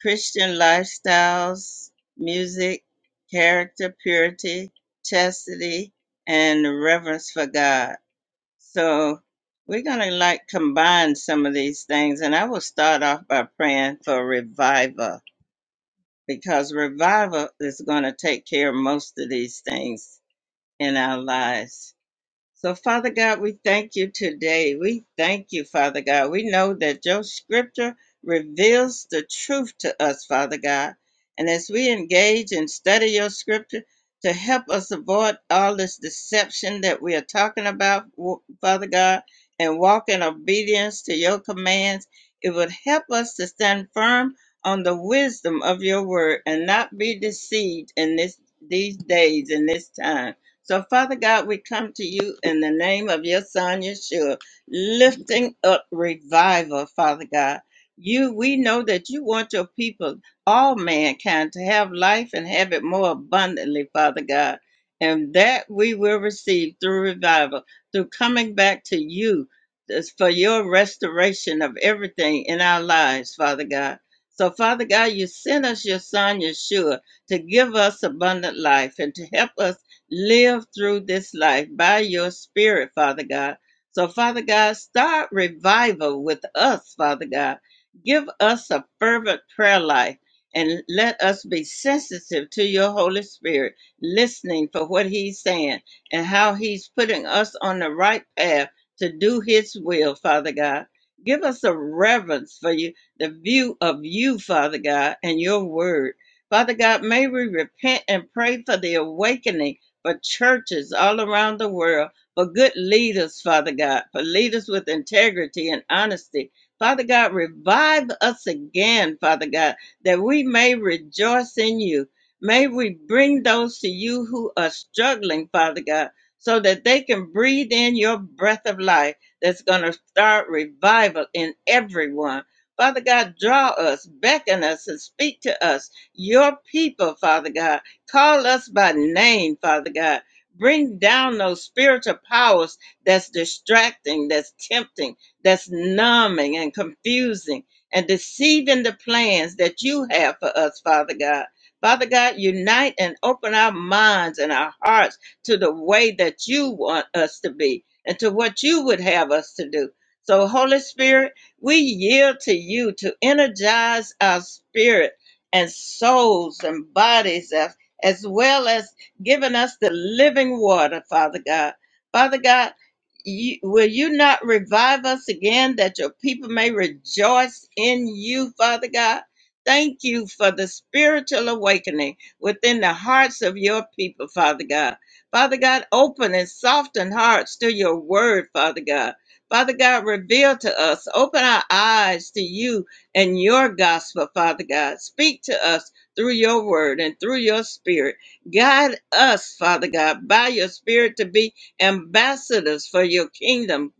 Speaker 3: Christian lifestyles, music, character, purity, chastity, and reverence for God. So we're going to like combine some of these things. And I will start off by praying for revival because revival is going to take care of most of these things in our lives. So, Father God, we thank you today. We thank you, Father God. We know that your scripture reveals the truth to us, Father God. And as we engage and study your scripture to help us avoid all this deception that we are talking about, w- Father God, and walk in obedience to your commands, it would help us to stand firm on the wisdom of your word and not be deceived in this these days in this time. So, Father God, we come to you in the name of your Son, Yeshua, lifting up revival, Father God. You, we know that you want your people, all mankind, to have life and have it more abundantly, Father God. And that we will receive through revival, through coming back to you this- for your restoration of everything in our lives, Father God. So, Father God, you sent us your Son, Yeshua, to give us abundant life and to help us live through this life by your spirit, Father God. So, Father God, start revival with us, Father God. Give us a fervent prayer life and let us be sensitive to your Holy Spirit, listening for what He's saying and how He's putting us on the right path to do His will, Father God. Give us a reverence for you, the view of you, Father God, and your word. Father God, may we repent and pray for the awakening for churches all around the world, for good leaders, Father God, for leaders with integrity and honesty. Father God, revive us again, Father God, that we may rejoice in you. May we bring those to you who are struggling, Father God, so that they can breathe in your breath of life that's going to start revival in everyone. Father God, draw us, beckon us, and speak to us, your people, Father God Call us by name, Father God. Bring down those spiritual powers that's distracting, that's tempting, that's numbing and confusing and deceiving the plans that you have for us, Father God. Father God, unite and open our minds and our hearts to the way that you want us to be and to what you would have us to do. So, Holy Spirit, we yield to you to energize our spirit and souls and bodies and as well as giving us the living water, Father God. Father God, you, will you not revive us again that your people may rejoice in you, Father God? Thank you for the spiritual awakening within the hearts of your people, Father God. Father God, open and soften hearts to your word, Father God. Father God, reveal to us, open our eyes to you and your gospel, Father God. Speak to us through your word and through your spirit. Guide us, Father God, by your spirit to be ambassadors for your kingdom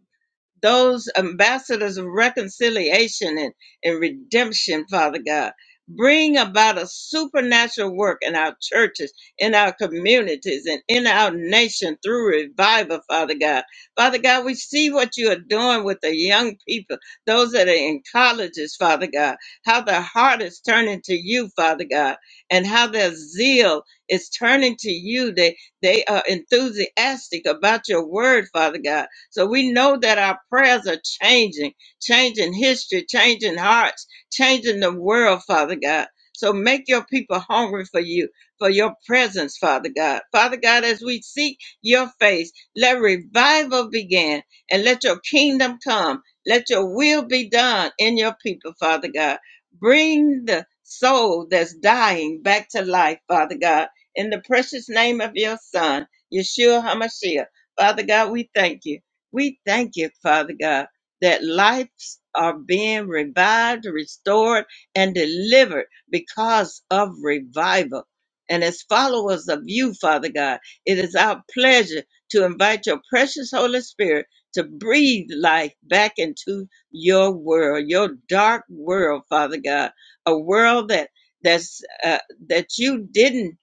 Speaker 3: those ambassadors of reconciliation and, and redemption, Father God. Bring about a supernatural work in our churches, in our communities, and in our nation through revival, Father God. Father God, we see what you are doing with the young people, those that are in colleges, Father God, how their heart is turning to you, Father God, and how their zeal is turning to you. They, they are enthusiastic about your word, Father God so we know that our prayers are changing, changing history, changing hearts, changing the world, Father God. So make your people hungry for you, for your presence, Father God. Father God, as we seek your face, let revival begin and let your kingdom come. Let your will be done in your people, Father God. Bring the soul that's dying back to life, Father God. In the precious name of your Son, Yeshua HaMashiach. Father God, we thank you. We thank you, Father God, that lives are being revived, restored, and delivered because of revival. And as followers of you, Father God, it is our pleasure to invite your precious Holy Spirit to breathe life back into your world, your dark world, Father God, a world that that's uh, that you didn't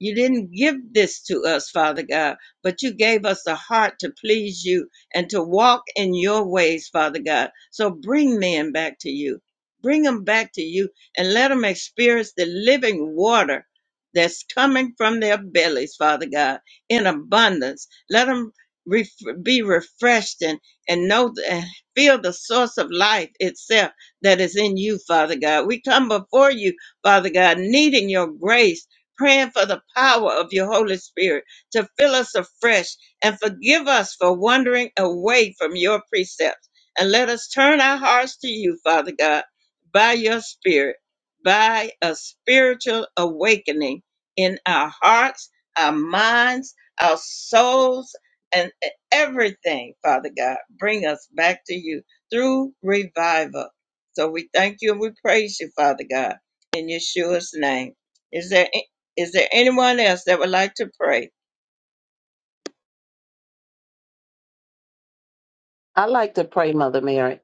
Speaker 3: you didn't give this to us, Father God, but you gave us a heart to please you and to walk in your ways, Father God. So bring men back to you. Bring them back to you and let them experience the living water that's coming from their bellies, Father God, in abundance. Let them ref- be refreshed and, and know th- and feel the source of life itself that is in you, Father God. We come before you, Father God, needing your grace, praying for the power of your Holy Spirit to fill us afresh and forgive us for wandering away from your precepts. And let us turn our hearts to you, Father God, by your Spirit, by a spiritual awakening in our hearts, our minds, our souls, and everything, Father God. Bring us back to you through revival. So we thank you and we praise you, Father God, in Yeshua's name. Is there, is there anyone else that would like to pray?
Speaker 8: I like to pray, Mother Mary.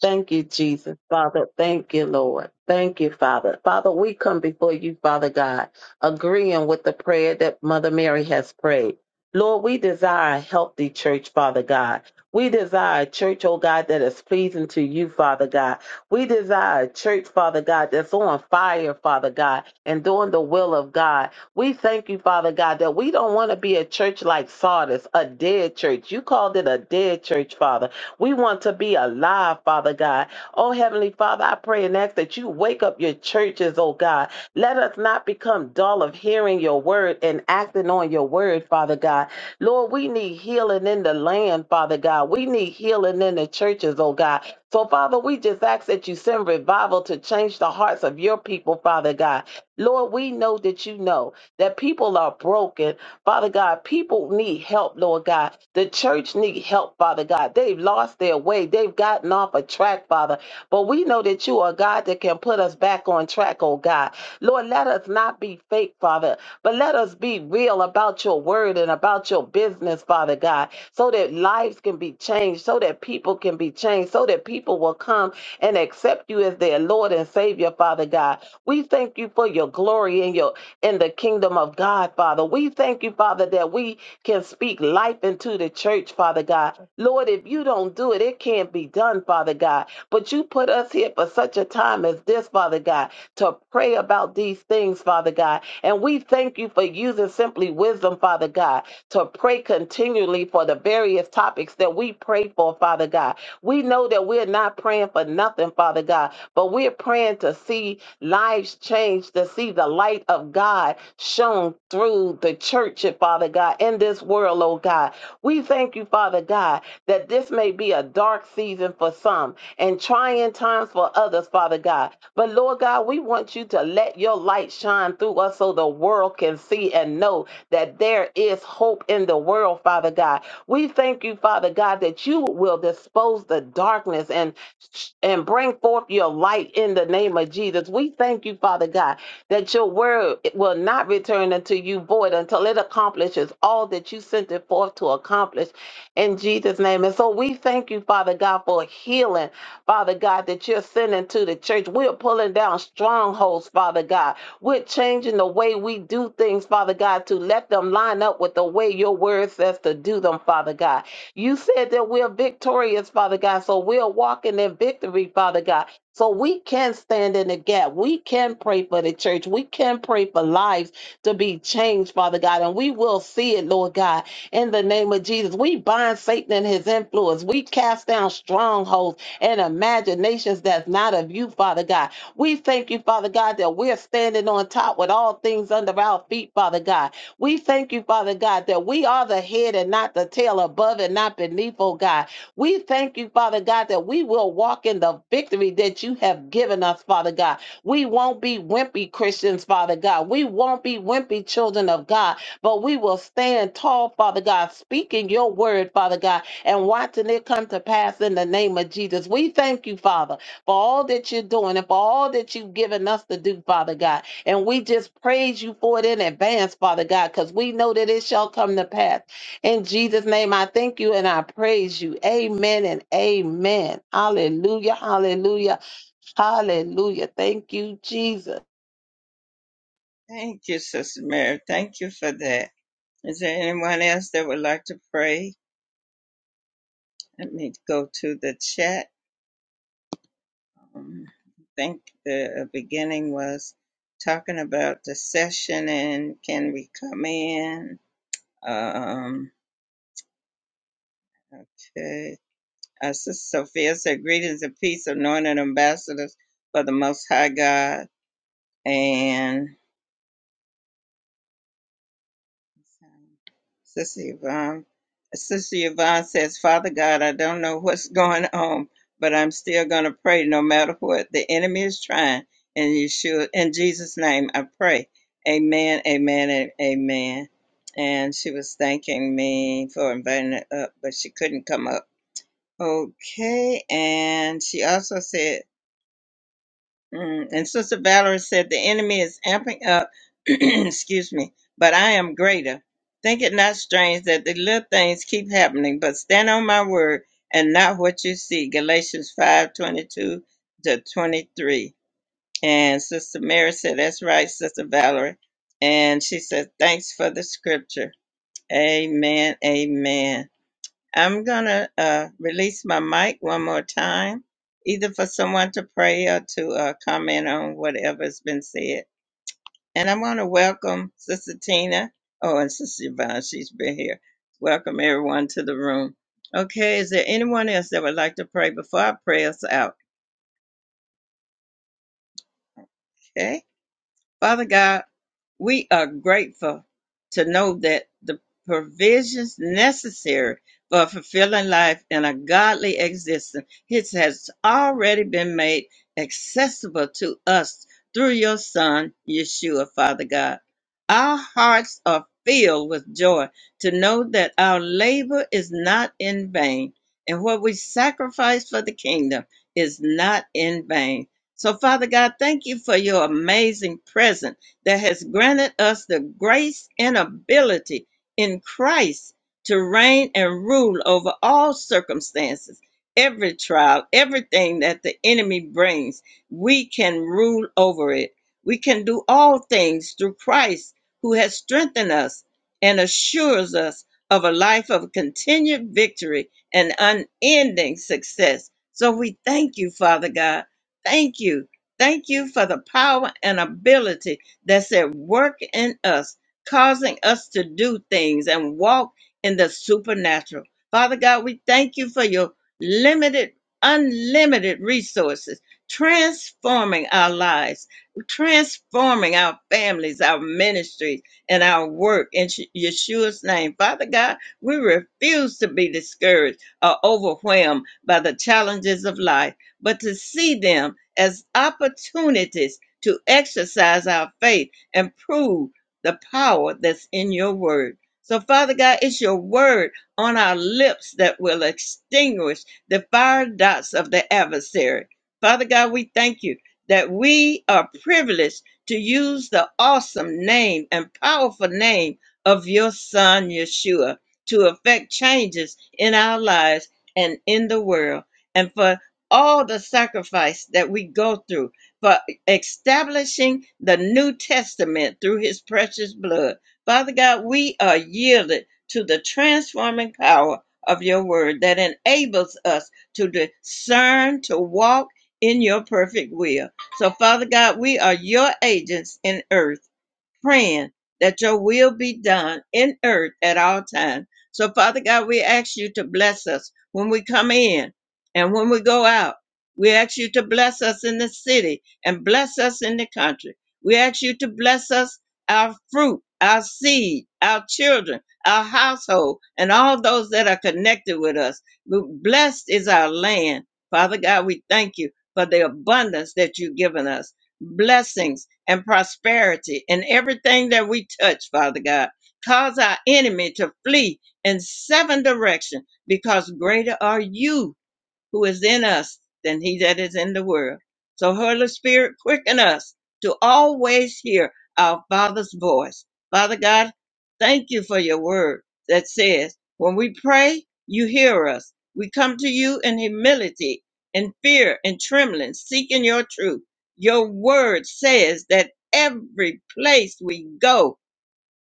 Speaker 8: Thank you, Jesus. Father, thank you, Lord. Thank you, Father. Father, we come before you, Father God, agreeing with the prayer that Mother Mary has prayed. Lord, we desire a healthy church, Father God. We desire a church, oh God, that is pleasing to you, Father God. We desire a church, Father God, that's on fire, Father God, and doing the will of God. We thank you, Father God, that we don't want to be a church like Sardis, a dead church. You called it a dead church, Father. We want to be alive, Father God. Oh, Heavenly Father, I pray and ask that you wake up your churches, oh God. Let us not become dull of hearing your word and acting on your word, Father God. Lord, we need healing in the land, Father God. We need healing in the churches, oh God. So, Father, we just ask that you send revival to change the hearts of your people, Father God. Lord, we know that you know that people are broken Father God, people need help, Lord God. The church need help, Father God. They've lost their way. They've gotten off a track, Father. But we know that you are God that can put us back on track, oh God. Lord, let us not be fake, Father, but let us be real about your word and about your business, Father God, so that lives can be changed, so that people can be changed, so that people will come and accept you as their Lord and Savior, Father God. We thank you for your glory and your in the kingdom of God, Father. We thank you, Father, that we can speak life into the church, Father God. Lord, if you don't do it, it can't be done, Father God. But you put us here for such a time as this, Father God to pray about these things, Father God. And we thank you for using simply wisdom, Father God, to pray continually for the various topics that we pray for, Father God. We know that we're not praying for nothing, Father God, but we're praying to see lives changed, to see the light of God shone through the church, Father God, in this world, oh God. We thank you, Father God, that this may be a dark season for some and trying times for others, Father God. But Lord God, we want you to let your light shine through us so the world can see and know that there is hope in the world, Father God. We thank you, Father God, that you will dispose the darkness and and bring forth your light in the name of Jesus. We thank you, Father God, that your word will not return unto you void until it accomplishes all that you sent it forth to accomplish in Jesus' name. And so we thank you, Father God, for healing Father God, that you're sending to the church. We're pulling down strongholds, Father God. We're changing the way we do things, Father God, to let them line up with the way your word says to do them, Father God. You said that we're victorious, Father God, so we're walking in victory, Father God. So we can stand in the gap. We can pray for the church. We can pray for lives to be changed, Father God, and we will see it, Lord God, in the name of Jesus. We bind Satan and his influence. We cast down strongholds and imaginations that's not of you, Father God. We thank you, Father God, that we're standing on top with all things under our feet, Father God. We thank you, Father God, that we are the head and not the tail, above and not beneath, oh God. We thank you, Father God, that we will walk in the victory that you have given us, Father God. We won't be wimpy Christians, Father God. We won't be wimpy children of God, but we will stand tall, Father God, speaking your word, Father God, and watching it come to pass in the name of Jesus. We thank you, Father, for all that you're doing and for all that you've given us to do, Father God. And we just praise you for it in advance, Father God, because we know that it shall come to pass. In Jesus' name, I thank you and I praise you. Amen and amen. Hallelujah. Hallelujah. Hallelujah. Thank you, Jesus.
Speaker 3: Thank you, Sister Mary. Thank you for that. Is there anyone else that would like to pray? Let me go to the chat. Um, I think the uh, beginning was talking about the session and can we come in? Um, okay. Uh, Sister Sophia said, Greetings and peace, anointed ambassadors for the Most High God. and." Sister Yvonne. Sister Yvonne says, Father God, I don't know what's going on, but I'm still going to pray no matter what the enemy is trying. In Yeshua, in Jesus' name, I pray. Amen, amen, and amen. And she was thanking me for inviting her up, but she couldn't come up. Okay. And she also said, Mm, And Sister Valerie said, The enemy is amping up, excuse me, but I am greater. Think it not strange that the little things keep happening, but stand on my word and not what you see. Galatians five twenty two to 23. And Sister Mary said, That's right, Sister Valerie. And she said, Thanks for the scripture. Amen. Amen. I'm gonna uh, release my mic one more time, either for someone to pray or to uh, comment on whatever's been said. And I want to welcome Sister Tina. Oh, and Sister Yvonne, she's been here. Welcome everyone to the room. Okay, is there anyone else that would like to pray before I pray us out? Okay. Father God, we are grateful to know that the provisions necessary for fulfilling life and a godly existence it has already been made accessible to us through your son yeshua father god our hearts are filled with joy to know that our labor is not in vain and what we sacrifice for the kingdom is not in vain so, Father God, thank you for your amazing presence that has granted us the grace and ability in Christ to reign and rule over all circumstances, every trial, everything that the enemy brings. We can rule over it. We can do all things through Christ who has strengthened us and assures us of a life of continued victory and unending success. So we thank you, Father God Thank you. Thank you for the power and ability that's at work in us, causing us to do things and walk in the supernatural. Father God, we thank you for your limited, unlimited resources, transforming our lives, transforming our families, our ministries, and our work in Sh- Yeshua's name. Father God, we refuse to be discouraged or overwhelmed by the challenges of life, but to see them as opportunities to exercise our faith and prove the power that's in your word. So, Father God, it's your word on our lips that will extinguish the fire dots of the adversary. Father God, we thank you that we are privileged to use the awesome name and powerful name of your Son, Yeshua, to affect changes in our lives and in the world. And for all the sacrifice that we go through for establishing the New Testament through his precious blood. Father God, we are yielded to the transforming power of your word that enables us to discern, to walk in your perfect will. So, Father God, we are your agents in earth praying that your will be done in earth at all times. So, Father God, we ask you to bless us when we come in and when we go out. We ask you to bless us in the city and bless us in the country. We ask you to bless us, our fruit, our seed, our children, our household, and all those that are connected with us. Blessed is our land. Father God, we thank you for the abundance that you've given us. Blessings and prosperity and everything that we touch, Father God. Cause our enemy to flee in seven direction because greater are you who is in us than he that is in the world. So, Holy Spirit, quicken us to always hear our Father's voice. Father God, thank you for your word that says, when we pray, you hear us. We come to you in humility, in fear, and trembling, seeking your truth. Your word says that every place we go,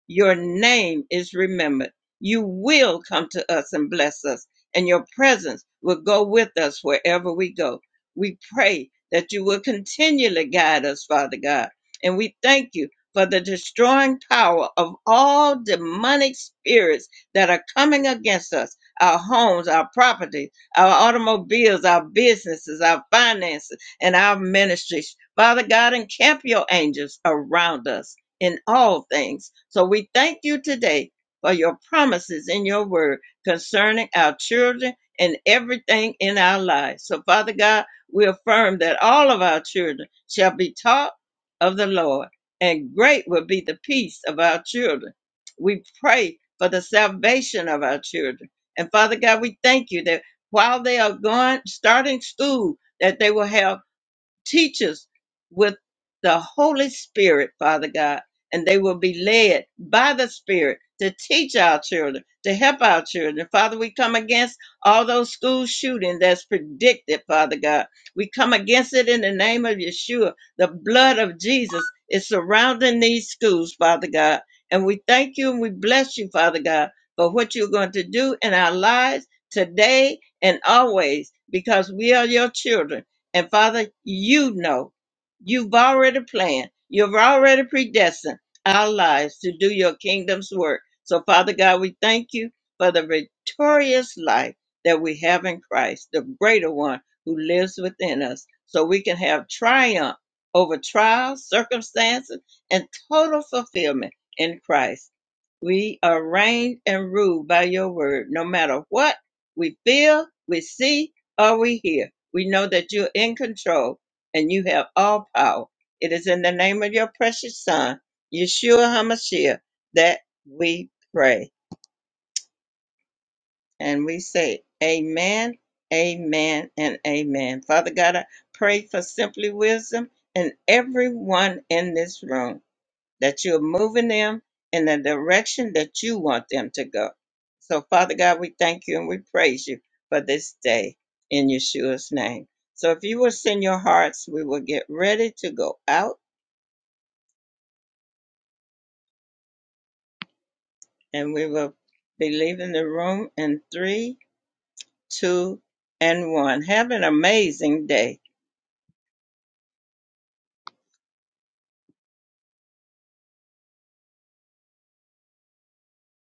Speaker 3: your name is remembered. You will come to us and bless us, and your presence will go with us wherever we go. We pray that you will continually guide us, Father God. And we thank you for the destroying power of all demonic spirits that are coming against us our homes, our property, our automobiles, our businesses, our finances, and our ministries. Father God, encamp your angels around us in all things. So we thank you today for your promises in your word concerning our children and everything in our lives. So, Father God, we affirm that all of our children shall be taught of the Lord, and great will be the peace of our children. We pray for the salvation of our children. And Father God, we thank you that while they are going, starting school, that they will have teach us with the Holy Spirit, Father God, and they will be led by the Spirit to teach our children, to help our children. Father, we come against all those school shooting that's predicted, Father God. We come against it in the name of Yeshua. The blood of Jesus is surrounding these schools, Father God. And we thank you and we bless you, Father God, for what you're going to do in our lives today and always because we are your children and Father, you know, you've already planned, you've already predestined our lives to do your kingdom's work. So, Father God, we thank you for the victorious life that we have in Christ, the greater one who lives within us, so we can have triumph over trials, circumstances, and total fulfillment in Christ. We are reigned and ruled by your word, no matter what we feel, we see, or we hear. We know that you're in control and you have all power. It is in the name of your precious Son, Yeshua HaMashiach, that we pray. And we say, Amen, Amen, and Amen. Father God, I pray for simply wisdom and everyone in this room that you're moving them in the direction that you want them to go. So, Father God, we thank you and we praise you for this day in Yeshua's name. So, if you will send your hearts, we will get ready to go out and we will be leaving the room in three, two, and one. Have an amazing day.